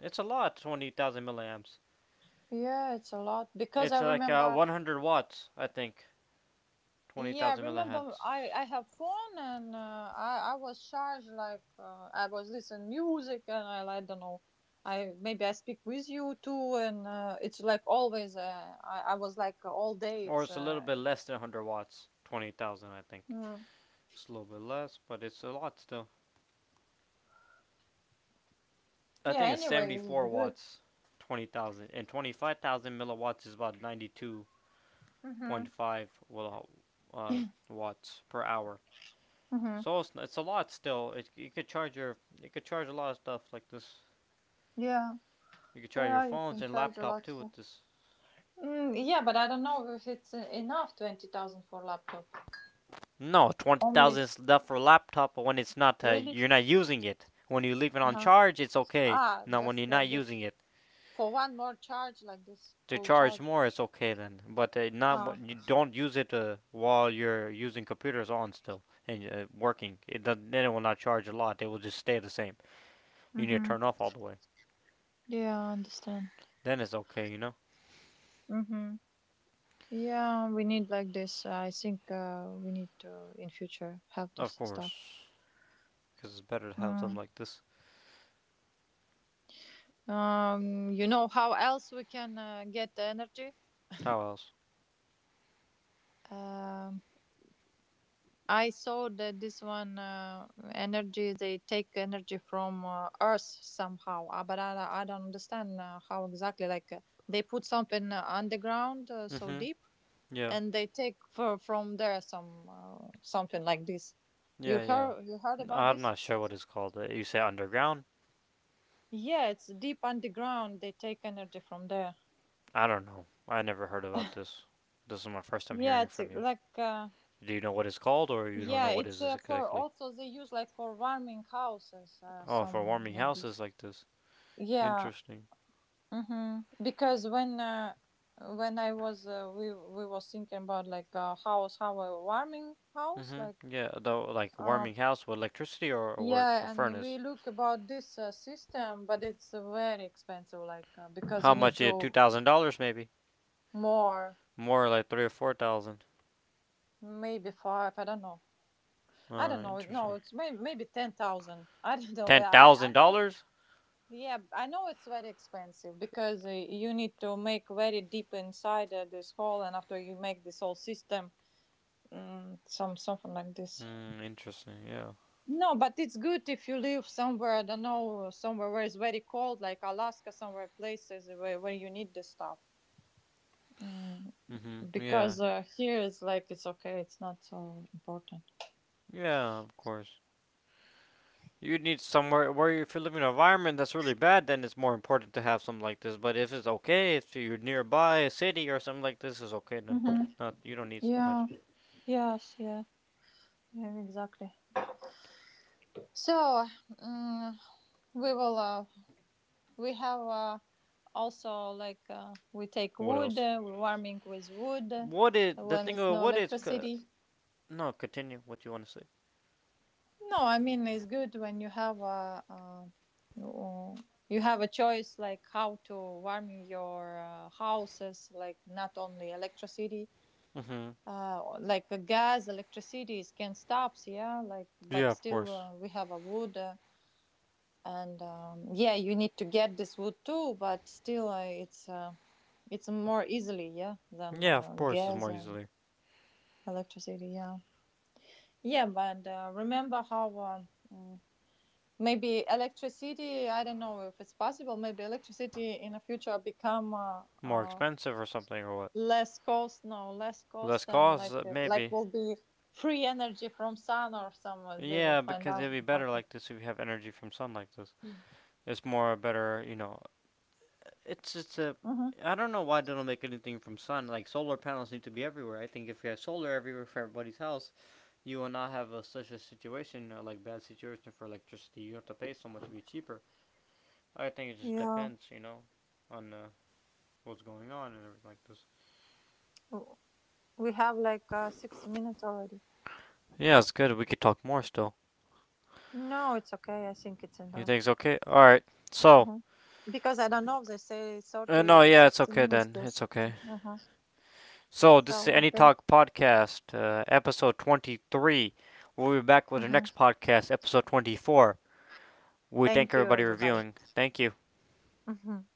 Speaker 1: It's a lot. twenty thousand milliamps.
Speaker 2: Yeah, it's a lot because I
Speaker 1: It's like uh
Speaker 2: remember.
Speaker 1: one hundred watts. I think
Speaker 2: Yeah,
Speaker 1: twenty thousand
Speaker 2: remember
Speaker 1: milliamps.
Speaker 2: I I have phone and, uh, I I was charged like, uh, I was listening music and I I don't know, I maybe I speak with you too and, uh, it's like always, uh, I I was like, uh, all day
Speaker 1: Or
Speaker 2: it's,
Speaker 1: it's a little
Speaker 2: uh,
Speaker 1: bit less than one hundred watts. twenty thousand, I think.
Speaker 2: mm.
Speaker 1: It's a little bit less, but it's a lot still. I
Speaker 2: Yeah,
Speaker 1: think it's
Speaker 2: anyway,
Speaker 1: seventy-four
Speaker 2: it's good.
Speaker 1: watts, twenty thousand. And twenty-five thousand milliwatts is about
Speaker 2: Mhm.
Speaker 1: ninety-two point five will- uh, watts per hour.
Speaker 2: Mhm.
Speaker 1: So it's, it's a lot still. It, you could charge your you could charge a lot of stuff like this.
Speaker 2: Yeah,
Speaker 1: You could charge your
Speaker 2: yeah, you
Speaker 1: phones
Speaker 2: can
Speaker 1: and
Speaker 2: charge a
Speaker 1: laptop
Speaker 2: lot,
Speaker 1: too with
Speaker 2: so.
Speaker 1: this.
Speaker 2: Mm, yeah, but I don't know if it's, uh, enough twenty thousand for laptop
Speaker 1: No, twenty thousand
Speaker 2: only.
Speaker 1: is enough for a laptop, but when it's not, uh,
Speaker 2: Really.
Speaker 1: you're not using it. When you leave it
Speaker 2: Uh
Speaker 1: on
Speaker 2: huh.
Speaker 1: charge, it's okay.
Speaker 2: Ah,
Speaker 1: Now, when
Speaker 2: just
Speaker 1: you're
Speaker 2: like
Speaker 1: not
Speaker 2: this.
Speaker 1: using it,
Speaker 2: For one more charge like this,
Speaker 1: to
Speaker 2: full
Speaker 1: charge
Speaker 2: charge.
Speaker 1: more, it's okay then. But uh, not wh- you
Speaker 2: Ah.
Speaker 1: don't use it uh, while you're using computers on still and uh, working. It doesn't, then it will not charge a lot. It will just stay the same. You need to
Speaker 2: Mm-hmm.
Speaker 1: turn off all the way.
Speaker 2: Yeah, I understand.
Speaker 1: Then it's okay, you know.
Speaker 2: Mm-hmm. Yeah, we need like this. uh, I think, uh, we need to in future have
Speaker 1: Of
Speaker 2: this stuff.
Speaker 1: course, because it's better to have them
Speaker 2: Mm.
Speaker 1: like this.
Speaker 2: Um, you know how else we can, uh, get the energy?
Speaker 1: How else?
Speaker 2: Um, I saw that this one, uh, energy, they take energy from, uh, Earth somehow, uh, but I, I don't understand, uh, how exactly. Like, uh, they put something, uh, underground, uh, so
Speaker 1: Mm-hmm.
Speaker 2: deep
Speaker 1: Yeah.
Speaker 2: and they take for, from there some, uh, something like this. You
Speaker 1: Yeah. Yeah.
Speaker 2: heard you heard about
Speaker 1: i I'm
Speaker 2: this?
Speaker 1: not sure what it's called. Uh, You say underground?
Speaker 2: Yeah, it's deep underground. They take energy from there.
Speaker 1: I don't know. I never heard about this. This is my first time hearing
Speaker 2: Yeah,
Speaker 1: it
Speaker 2: it's, uh,
Speaker 1: from you.
Speaker 2: like, uh,
Speaker 1: Do you know what it's called, or you don't
Speaker 2: yeah,
Speaker 1: know what it
Speaker 2: it's,
Speaker 1: is
Speaker 2: uh, for
Speaker 1: exactly?
Speaker 2: also they use like for warming houses, uh,
Speaker 1: Oh, for
Speaker 2: some
Speaker 1: warming
Speaker 2: like this.
Speaker 1: houses like this.
Speaker 2: Yeah.
Speaker 1: Interesting.
Speaker 2: Mm-hmm. Because when uh, when I was, uh, we we was thinking about like a house, how a warming house like.
Speaker 1: Mm-hmm. Yeah, though, like
Speaker 2: um
Speaker 1: warming house with electricity or or the
Speaker 2: Yeah, and we
Speaker 1: furnace.
Speaker 2: look about this, uh, system, but it's, uh, very expensive, like, uh, because
Speaker 1: How
Speaker 2: you need
Speaker 1: much? Is Two
Speaker 2: to
Speaker 1: thousand dollars, maybe.
Speaker 2: more.
Speaker 1: More like three or four thousand.
Speaker 2: Maybe five. I don't know. I don't
Speaker 1: Uh,
Speaker 2: know. No,
Speaker 1: interesting.
Speaker 2: it's maybe maybe ten thousand. I don't know.
Speaker 1: Ten
Speaker 2: Well, I I
Speaker 1: thousand
Speaker 2: know.
Speaker 1: dollars.
Speaker 2: Yeah, I know it's very expensive because, uh, you need to make very deep inside, uh, this hole, and after you make this whole system, mm, some something like this.
Speaker 1: Mm, interesting. Yeah.
Speaker 2: No, but it's good if you live somewhere. I don't know, somewhere where it's very cold, like Alaska, somewhere places where where you need this stuff. Mm,
Speaker 1: Mm-hmm. Yeah.
Speaker 2: because, uh, here it's like it's okay, it's not so important.
Speaker 1: Yeah. Of course. You need somewhere where if you live in an environment that's really bad, then it's more important to have something like this. But if it's okay, if you're nearby a city or something like this, is okay. Then
Speaker 2: Hmm.
Speaker 1: not you don't need so much.
Speaker 2: Yeah, yes, yeah, yeah, exactly. So, mm we will, uh, we have, uh, also like, uh, we take
Speaker 1: What
Speaker 2: wood,
Speaker 1: else?
Speaker 2: uh, we're warming with wood, uh,
Speaker 1: What is the
Speaker 2: when
Speaker 1: thing?
Speaker 2: it's
Speaker 1: Of,
Speaker 2: no
Speaker 1: what is
Speaker 2: electricity.
Speaker 1: No, continue what you want to say.
Speaker 2: No, I mean it's good when you have a, uh, no- you have a choice like how to warming your, uh, houses, like not only electricity.
Speaker 1: Mm-hmm.
Speaker 2: Uh, like, uh, gas, electricity can stop, yeah, like, but
Speaker 1: Yeah, of
Speaker 2: still,
Speaker 1: course.
Speaker 2: uh, we have a wood, uh, and, um, yeah, you need to get this wood too, but still, uh, it's, uh, it's more easily, yeah, than,
Speaker 1: Yeah,
Speaker 2: uh,
Speaker 1: of course, it's
Speaker 2: gas
Speaker 1: more
Speaker 2: and
Speaker 1: easily.
Speaker 2: electricity, yeah, yeah. But, uh, remember how, um, mm, maybe electricity, I don't know if it's possible, maybe electricity in the future become, uh,
Speaker 1: More
Speaker 2: uh,
Speaker 1: expensive or something or what?
Speaker 2: less cost, no, less cost
Speaker 1: Less
Speaker 2: and
Speaker 1: cost,
Speaker 2: like,
Speaker 1: uh,
Speaker 2: uh, like
Speaker 1: maybe.
Speaker 2: will be free energy from sun or somewhere they will
Speaker 1: Yeah,
Speaker 2: find
Speaker 1: because
Speaker 2: out
Speaker 1: it'd be
Speaker 2: how
Speaker 1: better
Speaker 2: to.
Speaker 1: like this if you have energy from sun like this. It's more better, you know. It's it's a
Speaker 2: Hmm.
Speaker 1: I don't know why they don't make anything from sun. Like solar panels need to be everywhere. I think if you have solar everywhere for everybody's house, you will not have a, such a situation uh, like bad situation for electricity. You have to pay so much; it'd be cheaper. I think it just
Speaker 2: Yeah.
Speaker 1: depends, you know, on uh, what's going on and everything like this.
Speaker 2: W- we have like, uh, six minutes already.
Speaker 1: Yeah, it's good. We could talk more still.
Speaker 2: No, it's okay, I think it's
Speaker 1: You
Speaker 2: enough.
Speaker 1: think it's okay? Alright. So,
Speaker 2: Hmm. Because I don't know if they say
Speaker 1: uh,
Speaker 2: thirty,
Speaker 1: no, yeah, it's
Speaker 2: sixty
Speaker 1: okay
Speaker 2: minutes
Speaker 1: then.
Speaker 2: still
Speaker 1: It's
Speaker 2: sixty.
Speaker 1: okay.
Speaker 2: Uh-huh.
Speaker 1: So, this is
Speaker 2: So,
Speaker 1: the Any
Speaker 2: okay.
Speaker 1: Talk Podcast, uh, episode twenty-three. We'll be back with our next
Speaker 2: Hmm.
Speaker 1: podcast, episode twenty-four. We thank
Speaker 2: Thank you
Speaker 1: everybody
Speaker 2: everybody.
Speaker 1: reviewing. Thank you.
Speaker 2: Hmm.